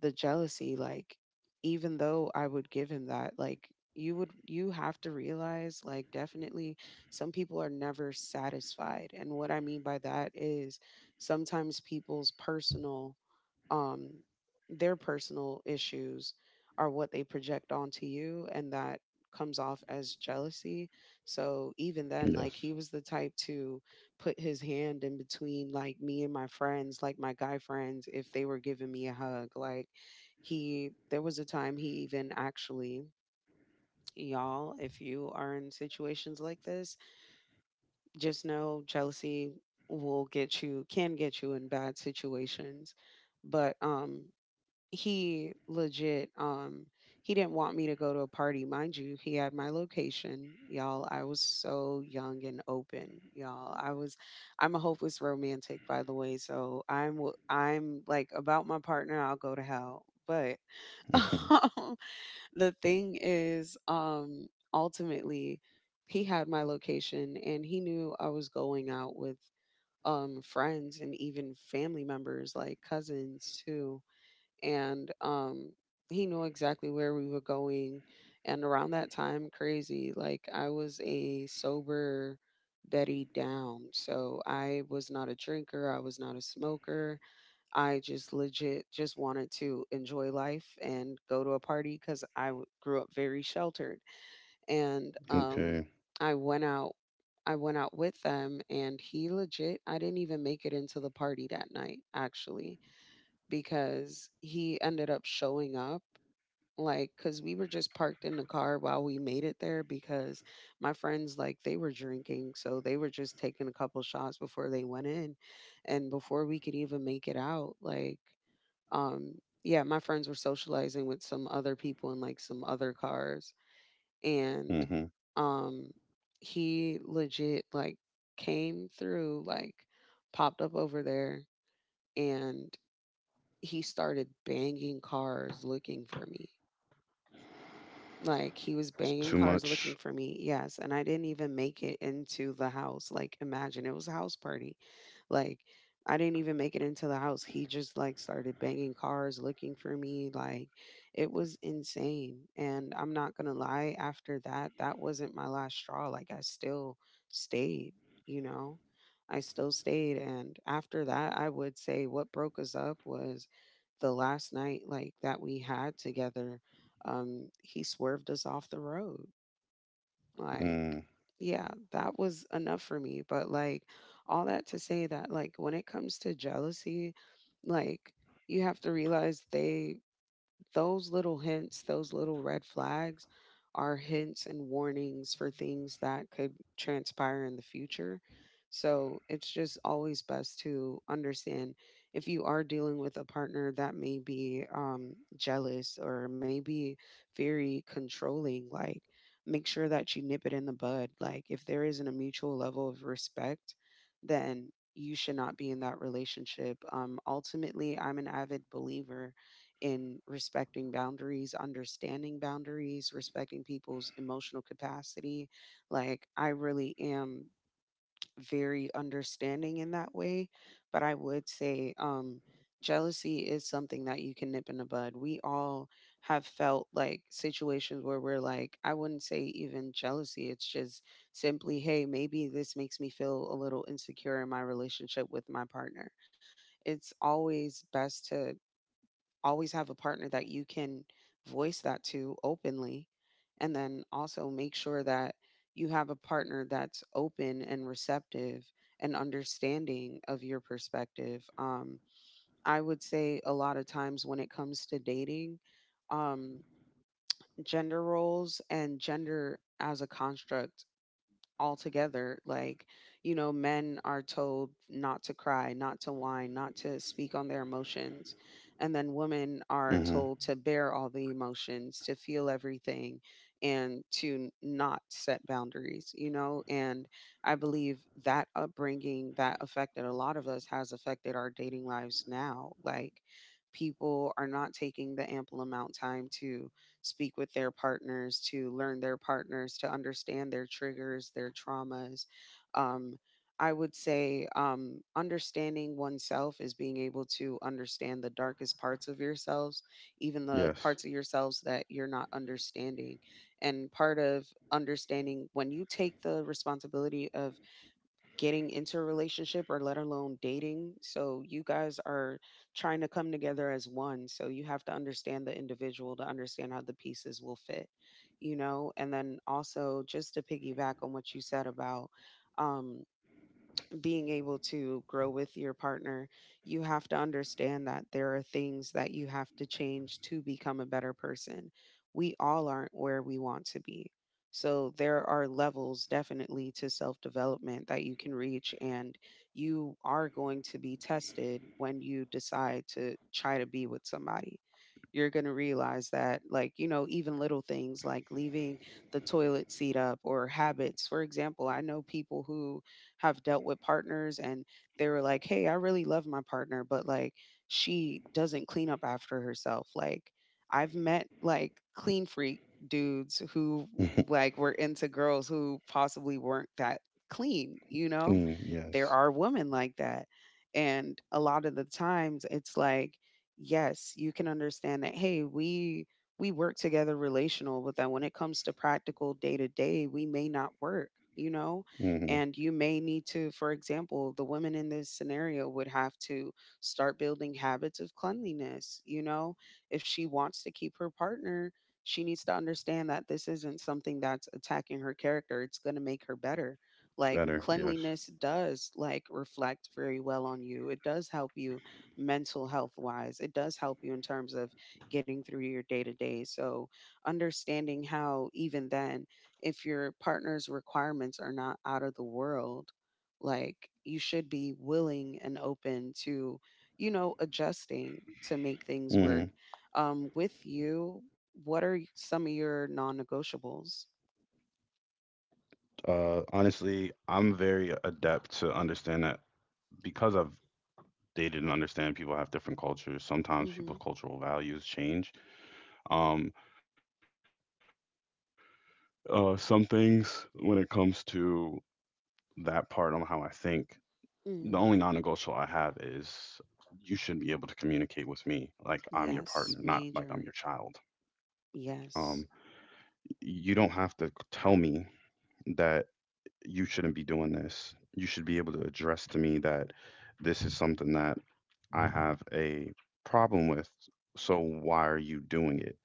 [SPEAKER 1] the jealousy, like, even though I would give him that, like, you have to realize, like, definitely some people are never satisfied. And what I mean by that is sometimes people's personal, um their personal issues, are what they project onto you, and that comes off as jealousy. So even then,
[SPEAKER 2] Yes.
[SPEAKER 1] like, he was the type to put his hand in between, like, me and my friends, like my guy friends, if they were giving me a hug. Like, he, there was a time he even actually, y'all, if you are in situations like this, just know jealousy will get you, can get you in bad situations. But he legit, he didn't want me to go to a party, mind you. He had my location, y'all. I was so young and open, y'all. I'm a hopeless romantic, by the way, so I'm like about my partner. I'll go to hell. But um, the thing is, ultimately, he had my location and he knew I was going out with friends and even family members, like cousins too. And he knew exactly where we were going. And around that time, crazy, like, I was a sober Betty down, so I was not a drinker, I was not a smoker. I just legit just wanted to enjoy life and go to a party because grew up very sheltered. And
[SPEAKER 2] Okay.
[SPEAKER 1] i went out I went out with them, and he legit, I didn't even make it into the party that night, actually, because he ended up showing up. Like, cuz we were just parked in the car while we made it there because my friends, like, they were drinking, so they were just taking a couple shots before they went in. And before we could even make it out, like, um yeah, my friends were socializing with some other people in like some other cars. And
[SPEAKER 2] Hmm.
[SPEAKER 1] um he legit, like, came through, like, popped up over there, and he started banging cars looking for me. Like, he was
[SPEAKER 2] It's
[SPEAKER 1] banging
[SPEAKER 2] too
[SPEAKER 1] cars
[SPEAKER 2] much.
[SPEAKER 1] looking for me. Yes, and I didn't even make it into the house. Like, imagine it was a house party. Like, I didn't even make it into the house. He just like started banging cars looking for me. Like, it was insane. And I'm not going to lie, after that, that wasn't my last straw. Like, I still stayed, you know? I still stayed. And after that, I would say what broke us up was the last night like that we had together, he swerved us off the road. Like,
[SPEAKER 2] Mm.
[SPEAKER 1] yeah, that was enough for me. But, like, all that to say that, like, when it comes to jealousy, like, you have to realize, they, those little hints, those little red flags are hints and warnings for things that could transpire in the future. So it's just always best to understand if you are dealing with a partner that may be jealous or maybe very controlling, like, make sure that you nip it in the bud. Like, if there isn't a mutual level of respect, then you should not be in that relationship. Ultimately, I'm an avid believer in respecting boundaries, understanding boundaries, respecting people's emotional capacity. Like, I really am very understanding in that way. But I would say, jealousy is something that you can nip in the bud. We all have felt like situations where we're like, I wouldn't say even jealousy, it's just simply, hey, maybe this makes me feel a little insecure in my relationship with my partner. It's always best to always have a partner that you can voice that to openly. And then also make sure that you have a partner that's open and receptive and understanding of your perspective. I would say a lot of times when it comes to dating, um, gender roles and gender as a construct altogether. Like, you know, men are told not to cry, not to whine, not to speak on their emotions. And then women are
[SPEAKER 2] Hmm.
[SPEAKER 1] told to bear all the emotions, to feel everything, and to not set boundaries, you know? And I believe that upbringing that affected a lot of us has affected our dating lives now. Like, people are not taking the ample amount time to speak with their partners, to learn their partners, to understand their triggers, their traumas. Um, I would say, understanding oneself is being able to understand the darkest parts of yourselves, even the
[SPEAKER 2] Yes.
[SPEAKER 1] parts of yourselves that you're not understanding. And part of understanding when you take the responsibility of getting into a relationship, or let alone dating. So you guys are trying to come together as one. So you have to understand the individual to understand how the pieces will fit, you know? And then also just to piggyback on what you said about, um being able to grow with your partner, you have to understand that there are things that you have to change to become a better person. We all aren't
[SPEAKER 2] Hmm.
[SPEAKER 1] where we want to be. So there are levels, definitely, to self-development that you can reach, and you are going to be tested when you decide to try to be with somebody. You're going to realize that like, even little things like leaving the toilet seat up or habits. For example, I know people who have dealt with partners and they were like, "Hey, I really love my partner, but like she doesn't clean up after herself." Like I've met like clean freak dudes who like were into girls who possibly weren't that clean, you know?
[SPEAKER 2] Clean.
[SPEAKER 1] There
[SPEAKER 2] Yes.
[SPEAKER 1] are women like that. And a lot of the times it's like, yes, you can understand that, hey, we work together relational, but then when it comes to practical day to day, we may not work, you know?
[SPEAKER 2] Hmm.
[SPEAKER 1] And you may need to, for example, the women in this scenario would have to start building habits of cleanliness. If she wants to keep her partner, she needs to understand that this isn't something that's attacking her character. It's going to make her better. Like
[SPEAKER 2] Better. Yes.
[SPEAKER 1] cleanliness does like reflect very well on you. It does help you mental health wise. It does help you in terms of getting through your day to day. So understanding how even then if your partner's requirements are not out of the world, like you should be willing and open to, adjusting to make things
[SPEAKER 2] Hmm.
[SPEAKER 1] work. With you, what are some of your non negotiables?
[SPEAKER 2] Honestly, I'm very adept to understand that because I've dated and understand people have different cultures. Sometimes people's
[SPEAKER 1] Mm-hmm.
[SPEAKER 2] cultural values change. Um, some things when it comes to that part on how I think, the only non-negotiable I have
[SPEAKER 1] Hmm.
[SPEAKER 2] is you should be able to communicate with me like I'm your partner, not like I'm your
[SPEAKER 1] Yes,
[SPEAKER 2] child.
[SPEAKER 1] major.
[SPEAKER 2] Um,
[SPEAKER 1] Yes.
[SPEAKER 2] you don't have to tell me that you shouldn't be doing this. You should be able to address to me that this is something that I have a problem with. So why are you doing it?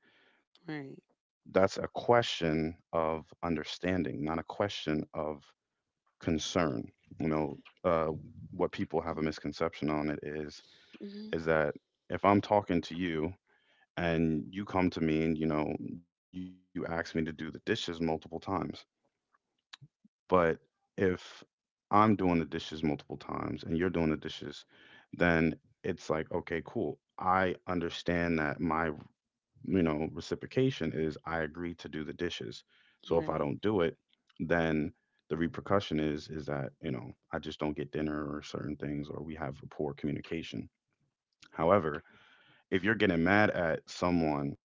[SPEAKER 2] That's
[SPEAKER 1] Right.
[SPEAKER 2] a question of understanding, not a question of concern. You know, uh, what people have a misconception on it is
[SPEAKER 1] hmm.
[SPEAKER 2] is that if I'm talking to you and you come to me and you know you ask me to do the dishes multiple times. But if I'm doing the dishes multiple times and you're doing the dishes, then it's like, okay, cool. I understand that my, you know, reciprocation is I agree to do the dishes. So if I
[SPEAKER 1] Right.
[SPEAKER 2] don't do it, then the repercussion is that, you know, I just don't get dinner or certain things or we have poor communication. However, if you're getting mad at someone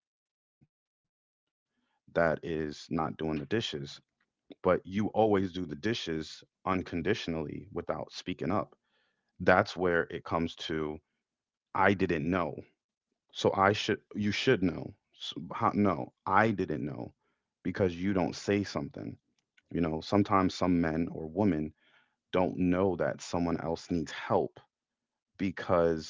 [SPEAKER 2] that is not doing the dishes, but you always do the dishes unconditionally without speaking up. That's where it comes to I didn't know. So I should you should know. How, no, I didn't know because you don't say something. You know, sometimes some men or women don't know that someone else needs help because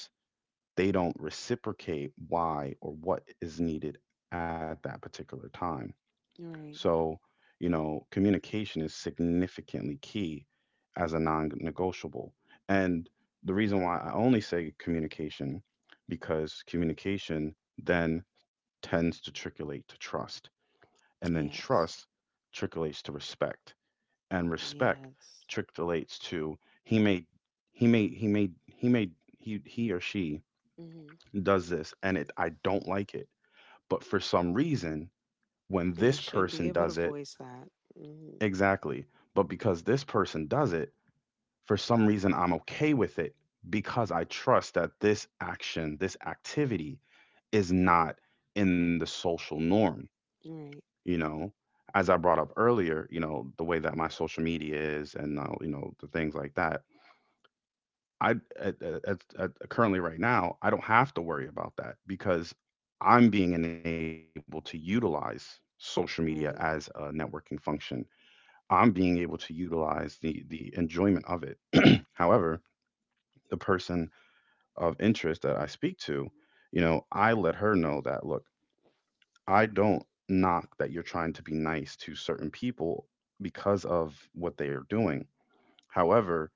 [SPEAKER 2] they don't reciprocate why or what is needed at that particular time.
[SPEAKER 1] Right.
[SPEAKER 2] So, you know, communication is significantly key as a non-negotiable. And the reason why I only say communication because communication then tends to triculate to trust, and then
[SPEAKER 1] Yes.
[SPEAKER 2] trust trickulates to respect, and respect
[SPEAKER 1] Yes.
[SPEAKER 2] trickulates to he may he may he or she
[SPEAKER 1] Hmm.
[SPEAKER 2] does this and it I don't like it, but for some reason when
[SPEAKER 1] And you
[SPEAKER 2] this
[SPEAKER 1] should be
[SPEAKER 2] person
[SPEAKER 1] able to
[SPEAKER 2] does it.
[SPEAKER 1] voice that. Hmm.
[SPEAKER 2] Exactly. But because this person does it, for some reason I'm okay with it because I trust that this action, this activity is not in the social norm,
[SPEAKER 1] Right.
[SPEAKER 2] you know? As I brought up earlier, you know, the way that my social media is and you know, the things like that. I at, at, at, currently right now, I don't have to worry about that because I'm being enabled to utilize social media as a
[SPEAKER 1] Right.
[SPEAKER 2] networking function. I'm being able to utilize the enjoyment of it. However, the person of interest that I speak to, you know, I let her know that look, I don't knock that you're trying to be nice to certain people because of what they are doing. However,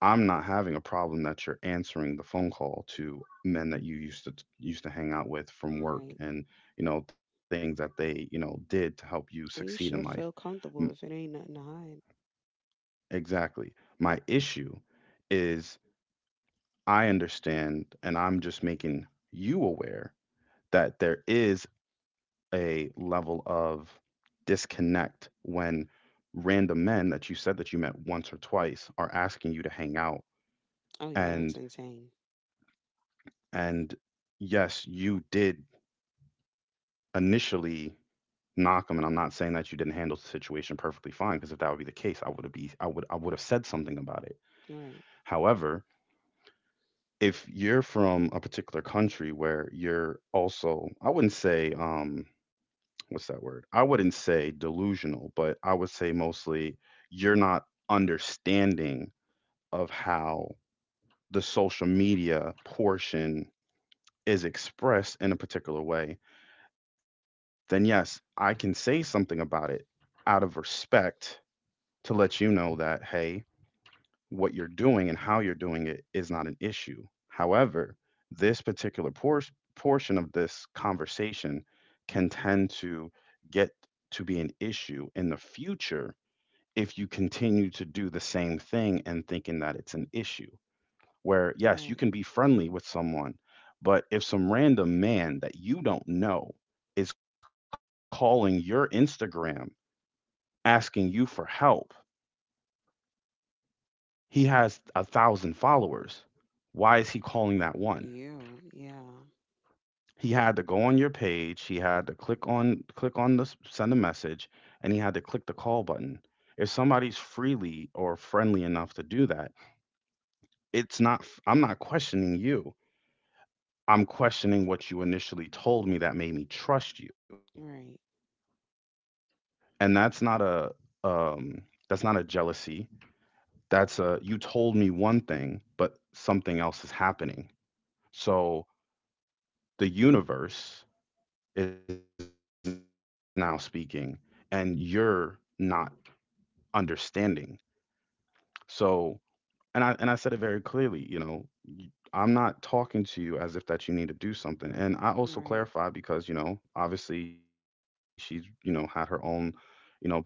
[SPEAKER 2] I'm not having a problem that you're answering the phone call to men that you used to used to hang out with from work
[SPEAKER 1] Right.
[SPEAKER 2] and you know things that they you know did to help you
[SPEAKER 1] And you
[SPEAKER 2] succeed
[SPEAKER 1] should
[SPEAKER 2] in
[SPEAKER 1] feel
[SPEAKER 2] life.
[SPEAKER 1] comfortable if it ain't nothing to hide.
[SPEAKER 2] Exactly. My issue is I understand and I'm just making you aware that there is a level of disconnect when random men that you said that you met once or twice are asking you to hang out
[SPEAKER 1] Oh yeah, that's
[SPEAKER 2] and
[SPEAKER 1] insane.
[SPEAKER 2] and yes, you did initially knock them and I'm not saying that you didn't handle the situation perfectly fine because if that would be the case, I would have said something about it.
[SPEAKER 1] Right.
[SPEAKER 2] However, if you're from a particular country where you're also, I wouldn't say, what's that word? I wouldn't say delusional, but I would say mostly you're not understanding of how the social media portion is expressed in a particular way, then yes, I can say something about it out of respect to let you know that, hey, what you're doing and how you're doing it is not an issue. However, this particular portion of this conversation can tend to get to be an issue in the future if you continue to do the same thing and thinking that it's an issue. Where, yes, you
[SPEAKER 1] Right.
[SPEAKER 2] can be friendly with someone, but if some random man that you don't know is calling your Instagram asking you for help, he has 1,000 followers. Why is he calling that one?
[SPEAKER 1] You. Yeah.
[SPEAKER 2] He had to go on your page. He had to click on the send a message, and he had to click the call button. If somebody's freely or friendly enough to do that, it's not. I'm not questioning you. I'm questioning what you initially told me that made me trust you,
[SPEAKER 1] Right.
[SPEAKER 2] and um, that's not a jealousy. That's a you told me one thing, but something else is happening. So the universe is now speaking and you're not understanding. So and I said it very clearly, you know, y- I'm not talking to you as if that you need to do something and I also clarify
[SPEAKER 1] Right.
[SPEAKER 2] because you know obviously she's you know had her own you know particular portions of men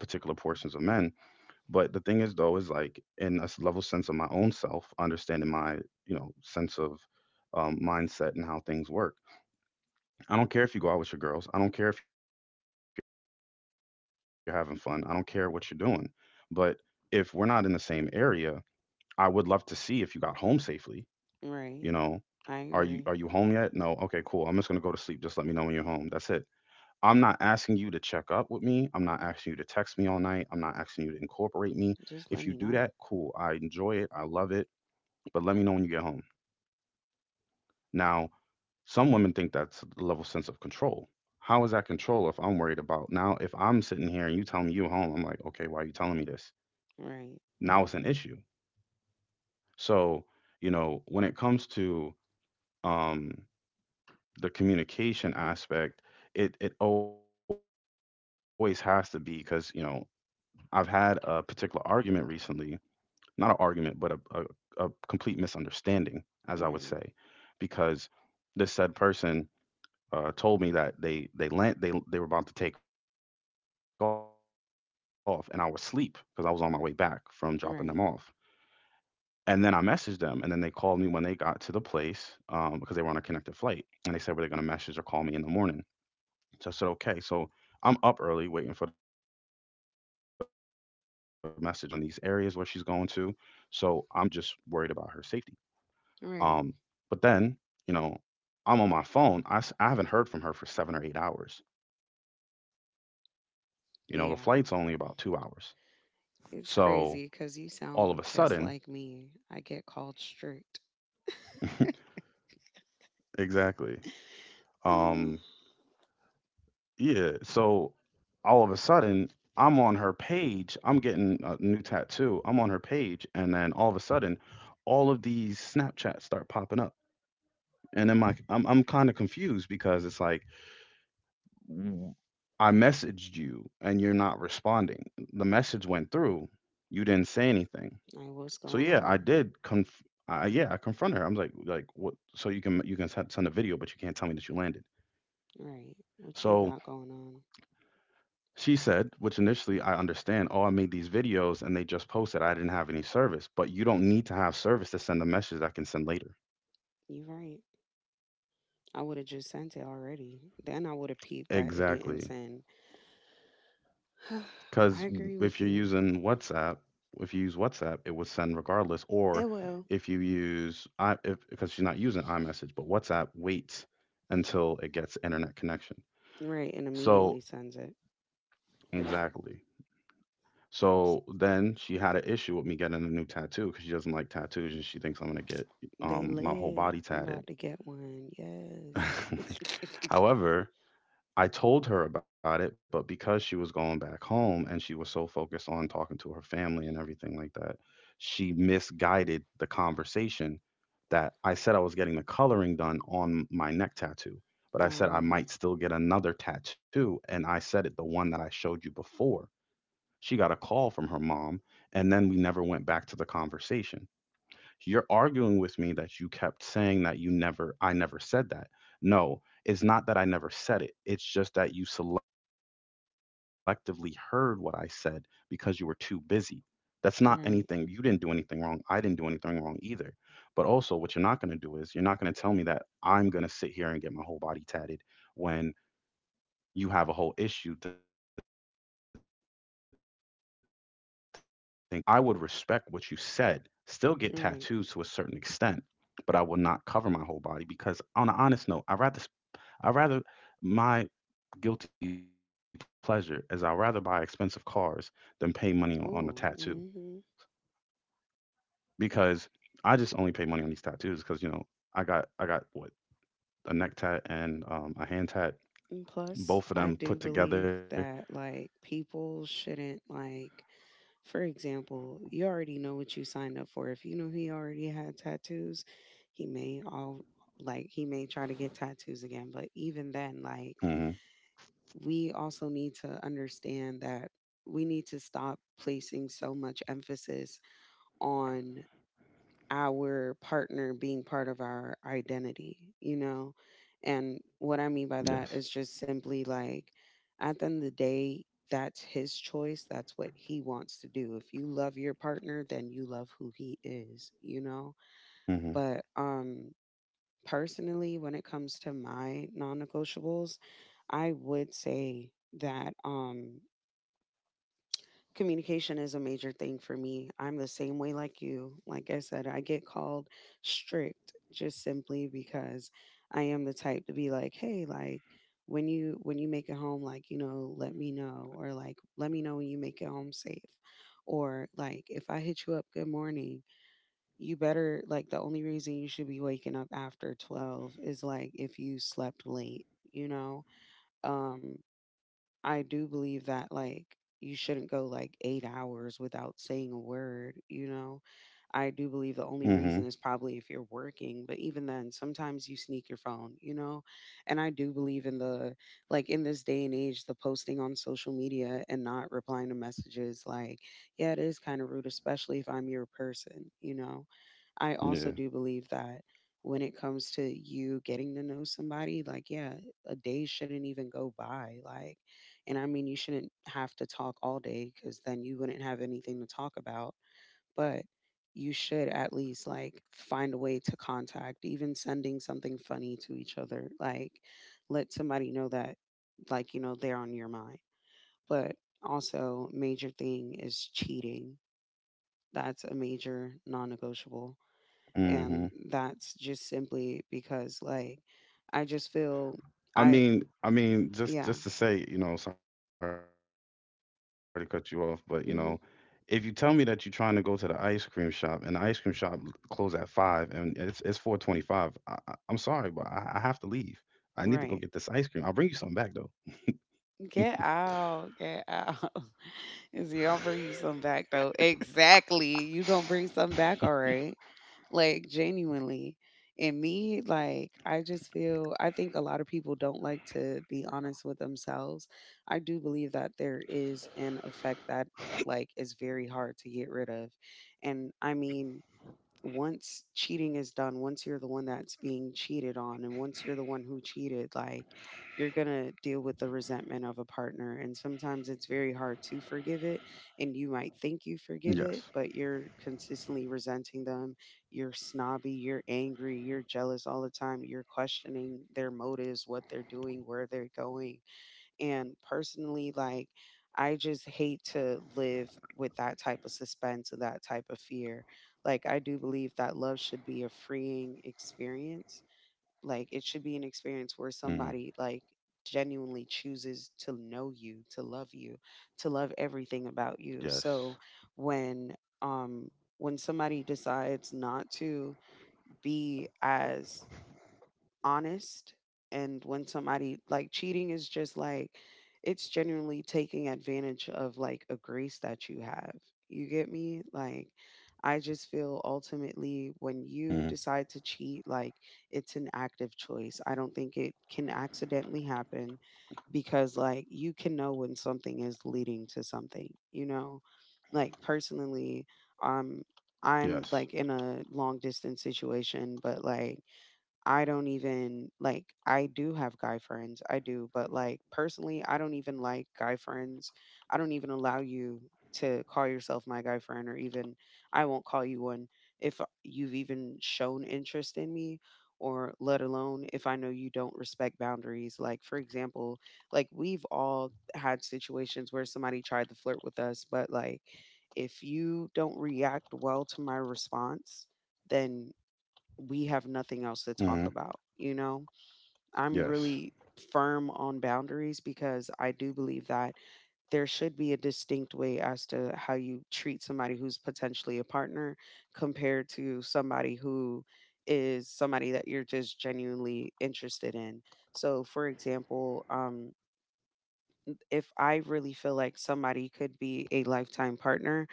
[SPEAKER 2] but the thing is though is like in a level sense of my own self understanding my you know sense of mindset and how things work. I don't care if you go out with your girls. I don't care if you're having fun. I don't care what you're doing. But if we're not in the same area, I would love to see if you got home safely. You know, are you home
[SPEAKER 1] Right.
[SPEAKER 2] yet? No. Okay,
[SPEAKER 1] I
[SPEAKER 2] cool. I'm just
[SPEAKER 1] agree.
[SPEAKER 2] gonna go to sleep. Just let me know when you're home. That's it. I'm not asking you to check up with me. I'm not asking you to text me all night. I'm not asking you to incorporate me. If you do that,
[SPEAKER 1] Just
[SPEAKER 2] cool.
[SPEAKER 1] let me
[SPEAKER 2] I
[SPEAKER 1] know.
[SPEAKER 2] enjoy it. I love it. But let me know when you get home. Now, some women think that's a level sense of control. How is that control if I'm worried about now, if I'm sitting here and you telling me you home, I'm like, okay, why are you telling me this?
[SPEAKER 1] Right.
[SPEAKER 2] Now it's an issue. So, you know, when it comes to um the communication aspect, it always has to be because, you know, I've had a particular argument recently, not an argument, but a complete misunderstanding, as I would say,
[SPEAKER 1] Right.
[SPEAKER 2] because this said person told me that they land they were about to take off, and I was asleep because I was on my way back from dropping them off. And then I messaged
[SPEAKER 1] Right.
[SPEAKER 2] them, and then they called me when they got to the place because they were on a connected flight, and they said were they going to message or call me in the morning. So I said okay. So I'm up early waiting for the message or the call. No response. Now there are political things that are going on in these areas where she's going to, so I'm just worried about her safety.
[SPEAKER 1] Right.
[SPEAKER 2] Um, but then, you know, I'm on my phone. I haven't heard from her for 7 or 8 hours. You know, the flight's only about two
[SPEAKER 1] Yeah.
[SPEAKER 2] hours. So
[SPEAKER 1] It's crazy
[SPEAKER 2] all of a
[SPEAKER 1] because you
[SPEAKER 2] sudden,
[SPEAKER 1] sound just like me. I get called strict.
[SPEAKER 2] exactly. Um,
[SPEAKER 1] Mm.
[SPEAKER 2] yeah. So all of a sudden, I'm on her page. I'm getting a new tattoo. I'm on her page, and then all of a sudden, all of these Snapchats start popping up. And then I'm kind of confused because it's like, I messaged you and you're not responding. The message went through. You didn't say anything.
[SPEAKER 1] Like, what's
[SPEAKER 2] So
[SPEAKER 1] going
[SPEAKER 2] yeah,
[SPEAKER 1] on?
[SPEAKER 2] yeah, I confronted her. I'm like what, so you can send a video but you can't tell me that you landed.
[SPEAKER 1] Right. What you
[SPEAKER 2] So
[SPEAKER 1] got going on?
[SPEAKER 2] she said, which initially I understand, oh, I made these videos and they just posted. I didn't have any service, but you don't need to have service to send a message that I can send later.
[SPEAKER 1] You right. I would have just sent it already. Then I would have peeped that it didn't
[SPEAKER 2] Exactly.
[SPEAKER 1] send. I
[SPEAKER 2] Because
[SPEAKER 1] agree
[SPEAKER 2] if
[SPEAKER 1] with
[SPEAKER 2] you're
[SPEAKER 1] you.
[SPEAKER 2] using WhatsApp, if you use WhatsApp, it would send regardless.
[SPEAKER 1] Eh,
[SPEAKER 2] Or
[SPEAKER 1] well,
[SPEAKER 2] if you use I, if, because she's not using iMessage, but WhatsApp waits until it gets internet connection.
[SPEAKER 1] right, and immediately
[SPEAKER 2] So
[SPEAKER 1] sends it.
[SPEAKER 2] exactly.
[SPEAKER 1] S-
[SPEAKER 2] So then she had an issue with me getting a new tattoo because she doesn't like tattoos and she thinks I'm gonna get
[SPEAKER 1] They
[SPEAKER 2] my whole
[SPEAKER 1] lit.
[SPEAKER 2] body
[SPEAKER 1] I'm
[SPEAKER 2] tatted.
[SPEAKER 1] about to get one. Yes.
[SPEAKER 2] However, I told her about it, but because she was going back home and she was so focused on talking to her family and everything like that, she misguided the conversation that I said I was getting the coloring done on my neck tattoo, but I said I
[SPEAKER 1] um.
[SPEAKER 2] might still get another tattoo. And I said it, the one that I showed you before. She got a call from her mom, and then we never went back to the conversation. You're arguing with me that you kept saying that you never, I never said that. No, it's not that I never said it. It's just that you selectively heard what I said because you were too busy. That's not anything. You didn't do anything
[SPEAKER 1] Right.
[SPEAKER 2] wrong. I didn't do anything wrong either. But also, what you're not going to do is you're not going to tell me that I'm going to sit here and get my whole body tatted when you have a whole issue to think that you're going to fall out of love with me because of the way that I would look. No, I would respect what you said, still get
[SPEAKER 1] Right.
[SPEAKER 2] tattoos to a certain extent, but I will not cover my whole body because on an honest note, I rather my guilty pleasure is I rather buy expensive cars than pay money on a
[SPEAKER 1] Oh.
[SPEAKER 2] tattoo
[SPEAKER 1] Mm-hmm.
[SPEAKER 2] because I just only pay money on these tattoos because you know I got what, a neck tat and a hand
[SPEAKER 1] And
[SPEAKER 2] tat,
[SPEAKER 1] plus, I do
[SPEAKER 2] both of them
[SPEAKER 1] believe
[SPEAKER 2] put
[SPEAKER 1] that
[SPEAKER 2] together.
[SPEAKER 1] like people shouldn't like. For example, you already know what you signed up for. If you know he already had tattoos, he may all he may try to get tattoos again. But even then, like
[SPEAKER 2] Hmm.
[SPEAKER 1] we also need to understand that we need to stop placing so much emphasis on our partner being part of our identity, you know? And what I mean by that is
[SPEAKER 2] Yes.
[SPEAKER 1] just simply like, at the end of the day, that's his choice. That's what he wants to do. If you love your partner, then you love who he is, you know? But,
[SPEAKER 2] Hmm.
[SPEAKER 1] um, personally, when it comes to my non negotiables, I would say that communication is a major thing for me. I'm the same way like you. Like I said, I get called strict just simply because I am the type to be like, hey, like, when you make it home like let me know, or like let me know when you make it home safe, or like if I hit you up good morning, you better like the only reason you should be waking up after 12 is like if you slept late you know Um, I do believe that like you shouldn't go like 8 hours without saying a word. I do believe the only reason
[SPEAKER 2] Hmm.
[SPEAKER 1] is probably if you're working, but even then sometimes you sneak your phone. And I do believe in the like in this day and age the posting on social media and not replying to messages like yeah, it is kind of rude, especially if I'm your person. I also do
[SPEAKER 2] Yeah.
[SPEAKER 1] believe that when it comes to you getting to know somebody, like, yeah, a day shouldn't even go by. Like, and I mean, you shouldn't have to talk all day because then you wouldn't have anything to talk about. But you should at least like find a way to contact, even sending something funny to each other. Like, let somebody know that, like, they're on your mind. But also, major thing is cheating. That's a major non negotiable.
[SPEAKER 2] Mhm.
[SPEAKER 1] And that's just simply because, like, I just feel I,
[SPEAKER 2] Just
[SPEAKER 1] yeah,
[SPEAKER 2] to say, you know, sorry to cut you off, but you know, if you tell me that you're trying
[SPEAKER 1] hmm,
[SPEAKER 2] to go to the ice cream shop and the ice cream shop l- close at 5 and it's 4:25, I'm sorry, but I have to leave. I need to go get this ice cream. I'll bring you
[SPEAKER 1] right.
[SPEAKER 2] something back though.
[SPEAKER 1] Get out, get out. Is you gonna bring you some back though? Exactly. You gonna bring some back, all right. Like, genuinely. And me, like, I just feel I think a lot of people don't like to be honest with themselves. I do believe that there is an effect that like is very hard to get rid of. And I mean once cheating is done, once you're the one that's being cheated on, and once you're the one who cheated, like you're gonna deal with the resentment of a partner. And sometimes it's very hard to forgive it. And you might think you forgive it,
[SPEAKER 2] Yes.
[SPEAKER 1] but you're consistently resenting them. You're snobby, you're angry, you're jealous all the time. You're questioning their motives, what they're doing, where they're going, and personally, like, I just hate to live with that type of suspense or that type of fear. Like, I do believe that love should be a freeing experience. Like, it should be an experience
[SPEAKER 2] Mm,
[SPEAKER 1] where somebody, like, genuinely chooses to know you, to love everything about you.
[SPEAKER 2] yes.
[SPEAKER 1] So when, um, when somebody decides not to be as honest, and when somebody like cheating is just like it's genuinely taking advantage of like a grace that you have. You get me? Like, I just
[SPEAKER 2] Mm,
[SPEAKER 1] feel ultimately when you decide to cheat, like it's an active choice. I don't think it can accidentally happen because like you can know when something is leading to something, you know? Like, personally,
[SPEAKER 2] yes.
[SPEAKER 1] um I'm like in a long distance situation, but like I don't even like I do have guy friends. I do, but like personally, I don't even like guy friends. I don't even allow you to call yourself my guy friend, or even I won't call you one if you've even shown interest in me, or let alone if I know you don't respect boundaries. Like, for example, like we've all had situations where somebody tried to flirt with us, but like if you don't react well to my response, then we have nothing else to
[SPEAKER 2] Mm,
[SPEAKER 1] talk about, you know? I'm
[SPEAKER 2] yes.
[SPEAKER 1] really firm on boundaries because I do believe that there should be a distinct way as to how you treat somebody who's potentially a partner compared to somebody who is somebody that you're just genuinely interested in. So, for example, if I really feel like somebody could be a lifetime partner,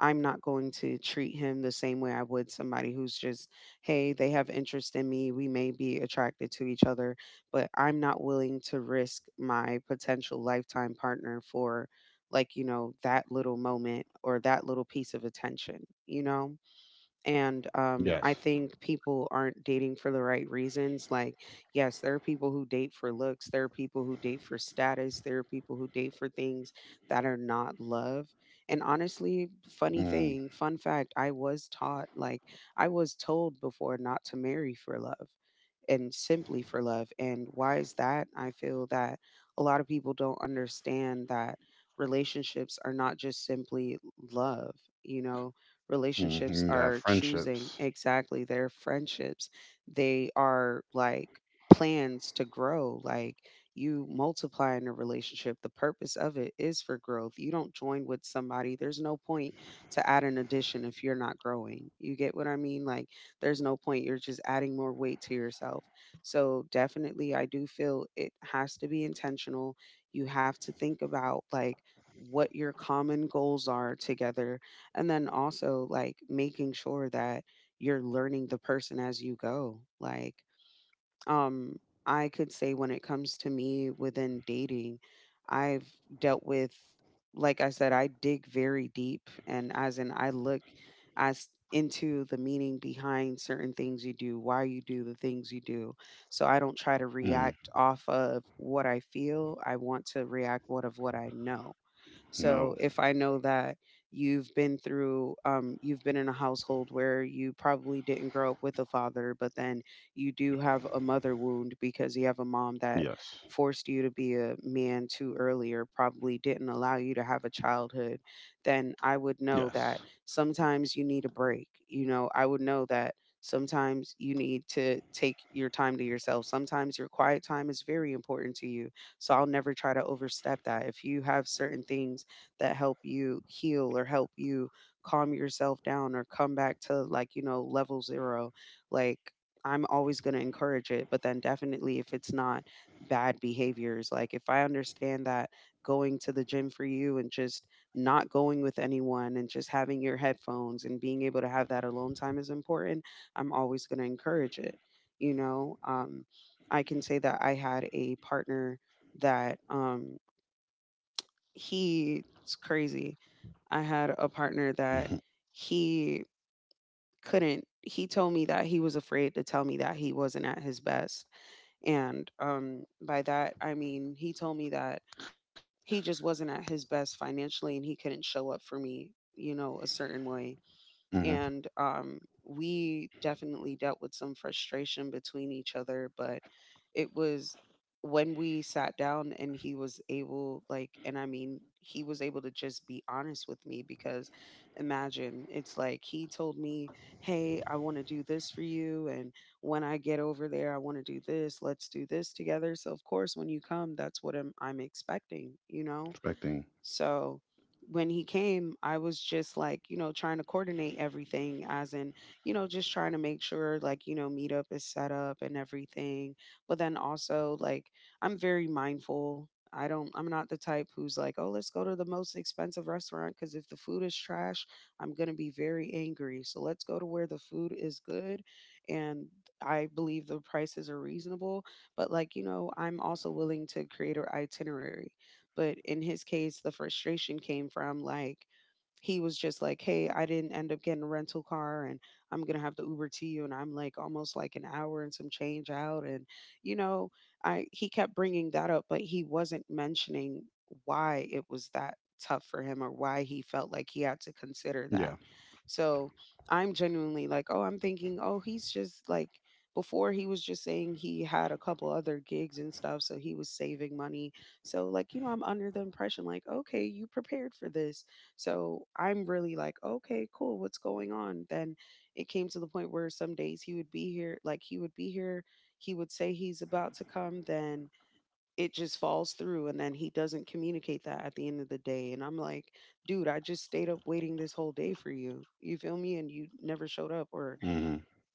[SPEAKER 1] I'm not going to treat him the same way I would somebody who's just, hey, they have interest in me. We may be attracted to each other, but I'm not willing to risk my potential lifetime partner for, like, that little moment or that little piece of attention, you know? and
[SPEAKER 2] Yes.
[SPEAKER 1] um, I think people aren't dating for the right reasons. Like, yes, there are people who date for looks, there are people who date for status, there are people who date for things that are not love. And honestly, funny
[SPEAKER 2] Mm,
[SPEAKER 1] thing, fun fact, I was taught, like, I was told before not to marry for love and simply for love. And why is that? I feel that a lot of people don't understand that relationships are not just simply love, you know
[SPEAKER 2] mm, you
[SPEAKER 1] relationships
[SPEAKER 2] need to have
[SPEAKER 1] are choosing,
[SPEAKER 2] friendships.
[SPEAKER 1] exactly. They're friendships, they are like plans to grow. Like, you multiply in a relationship, the purpose of it is for growth. You don't join with somebody, there's no point to add an addition if you're not growing, you get what I mean. Like, there's no point, you're just adding more weight to yourself. So definitely I do feel it has to be intentional. You have to think about like what your common goals are together, and then also like making sure that you're learning the person as you go. Like, um, I could say when it comes to me within dating, I've dealt with, like I said, I dig very deep. And as in, I look as into the meaning behind certain things you do, why you do the things you do. So I don't try to
[SPEAKER 2] Mm,
[SPEAKER 1] react off of what I feel. I want to react what of what I know. So
[SPEAKER 2] no.
[SPEAKER 1] if I know that you've been in a household where you probably didn't grow up with a father, but then you do have a mother wound because you have a mom that
[SPEAKER 2] Yes.
[SPEAKER 1] forced you to be a man too early or probably didn't allow you to have a childhood, then I would know
[SPEAKER 2] Yes.
[SPEAKER 1] that sometimes you need a break. I would know that sometimes you need to take your time to yourself. Sometimes your quiet time is very important to you. So I'll never try to overstep that. If you have certain things that help you heal or help you calm yourself down or come back to like, you know, level zero. Like, I'm always going to encourage it, but then definitely if it's not bad behaviors, like if I understand that going to the gym for you and just not going with anyone and just having your headphones and being able to have that alone time is important, I'm always going to encourage it. You know, um, I can say that I had a partner that he's crazy. I had a partner that he couldn't he told me that he was afraid to tell me that he wasn't at his best. And by that I mean he told me that he just wasn't at his best financially, and he couldn't show up for me, you know, a certain way.
[SPEAKER 2] Mhm.
[SPEAKER 1] And we definitely dealt with some frustration between each other, but it was when we sat down and he was able like and I mean he was able to just be honest with me. Because imagine, it's like he told me, hey, I want to do this for you, and when I get over there, I want to do this, let's do this together. So of course, when you come, that's what I'm expecting, you know.
[SPEAKER 2] Expecting.
[SPEAKER 1] So when he came, I was just like, you know, trying to coordinate everything, as in, you know, just trying to make sure, like, you know, meetup is set up and everything. But then also, like, I'm very mindful. I'm not the type who's like, oh, let's go to the most expensive restaurant, because if the food is trash, I'm going to be very angry. So let's go to where the food is good. And I believe the prices are reasonable. But, like, you know, I'm also willing to create an itinerary. But in his case, the frustration came from like, he was just like, "Hey, I didn't end up getting a rental car, and I'm gonna have to Uber to you." And I'm like almost like an hour and some change out, and you know, I he kept bringing that up, but he wasn't mentioning why it was that tough for him or why he
[SPEAKER 2] Yeah.
[SPEAKER 1] felt like he had to consider that. So I'm genuinely like, oh, I'm thinking, oh, he's just like before he was just saying he had a couple other gigs and stuff, so he was saving money. So like, you know, I'm under the impression like, okay, you prepared for this. So I'm really like, okay, cool, what's going on? Then it came to the point where some days he would be here, he would say he's about to come, then it just falls through, and then he doesn't communicate that at the end of the day. And I'm like, dude, I just stayed up waiting this whole day for you. You feel me? And you never showed up. Or
[SPEAKER 2] Mhm.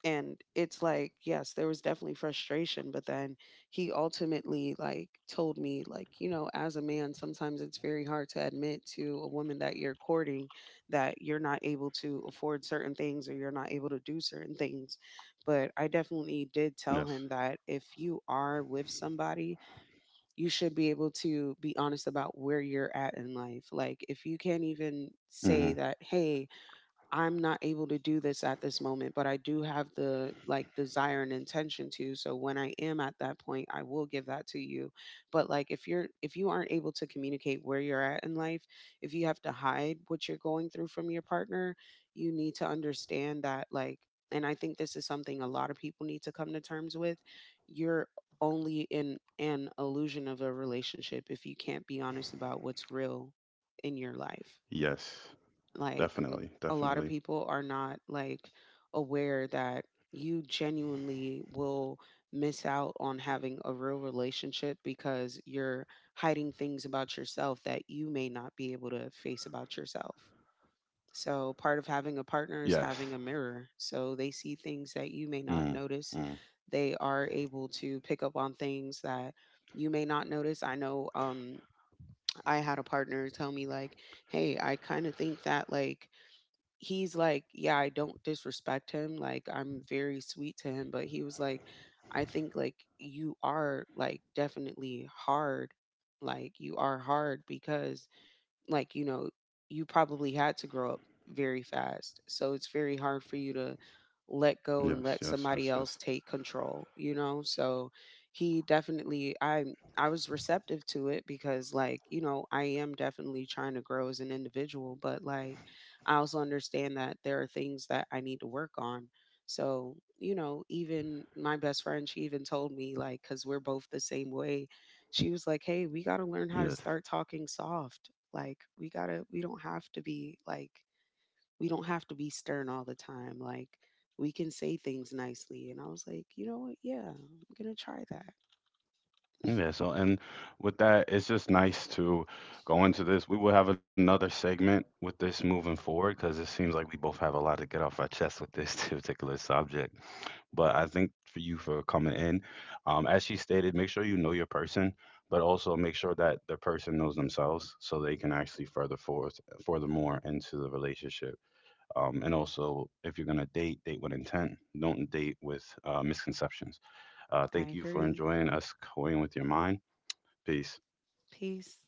[SPEAKER 1] and it's like, yes, there was definitely frustration, but then he ultimately like told me, like, you know, as a man, sometimes it's very hard to admit to a woman that you're courting that you're not able to afford certain things or you're not able to do certain things. But I definitely
[SPEAKER 2] Yes.
[SPEAKER 1] did tell him that if you are with somebody, you should be able to be honest about where you're at in life. Like, if you can't even
[SPEAKER 2] Mhm.
[SPEAKER 1] say that, hey, I'm not able to do this at this moment, but I do have the like desire and intention to, so when I am at that point, I will give that to you. But like if you aren't able to communicate where you're at in life, if you have to hide what you're going through from your partner, you need to understand that, like, and I think this is something a lot of people need to come to terms with. You're only in an illusion of a relationship if you can't be honest about what's real in your life.
[SPEAKER 2] Yes.
[SPEAKER 1] Like,
[SPEAKER 2] Definitely.
[SPEAKER 1] a lot
[SPEAKER 2] Definitely.
[SPEAKER 1] of people are not like aware that you genuinely will miss out on having a real relationship because you're hiding things about yourself that you may not be able to face about yourself. So, part of having
[SPEAKER 2] Yes.
[SPEAKER 1] a partner is having a mirror. So, they see things that
[SPEAKER 2] Mm.
[SPEAKER 1] you may not
[SPEAKER 2] Mm.
[SPEAKER 1] notice. They are able to pick up on things that you may not notice. I know, I had a partner tell me, like, hey, I kind of think that, like, he's like, yeah, I don't disrespect him. Like, I'm very sweet to him. But he was like, I think like you are like definitely hard. Like, you are hard because like you know you probably had to grow up very fast, so it's very hard for
[SPEAKER 2] Yes.
[SPEAKER 1] you to
[SPEAKER 2] Yes. Yes. Yes.
[SPEAKER 1] let go and let somebody else take control, you know. So he definitely, I was receptive to it because like you know I am definitely trying to grow as an individual, but like I also understand that there are things that I need to work on. So you know, even my best friend, she even told me, like, because we're both the same way, she was like, "Hey, we
[SPEAKER 2] Yes.
[SPEAKER 1] got to learn how to start talking soft." Like, we don't have to be like, we don't have to be stern all the time. Like, we can say things nicely. And I was like, you know what? Yeah, I'm gonna try that.
[SPEAKER 2] Yeah. So, and with that, it's just nice to go into this. We will have another segment with this moving forward because it seems like we both have a lot to get off our chest with this particular subject. But I think for you, for coming in, as she stated, make sure you know your person, but also make sure that the person knows themselves so they can actually further forth, furthermore into the relationship. And also, if you're gonna date, date with intent. Don't date with misconceptions.
[SPEAKER 1] I
[SPEAKER 2] Thank you for
[SPEAKER 1] agree.
[SPEAKER 2] enjoying us going with your mind. Peace.
[SPEAKER 1] Peace.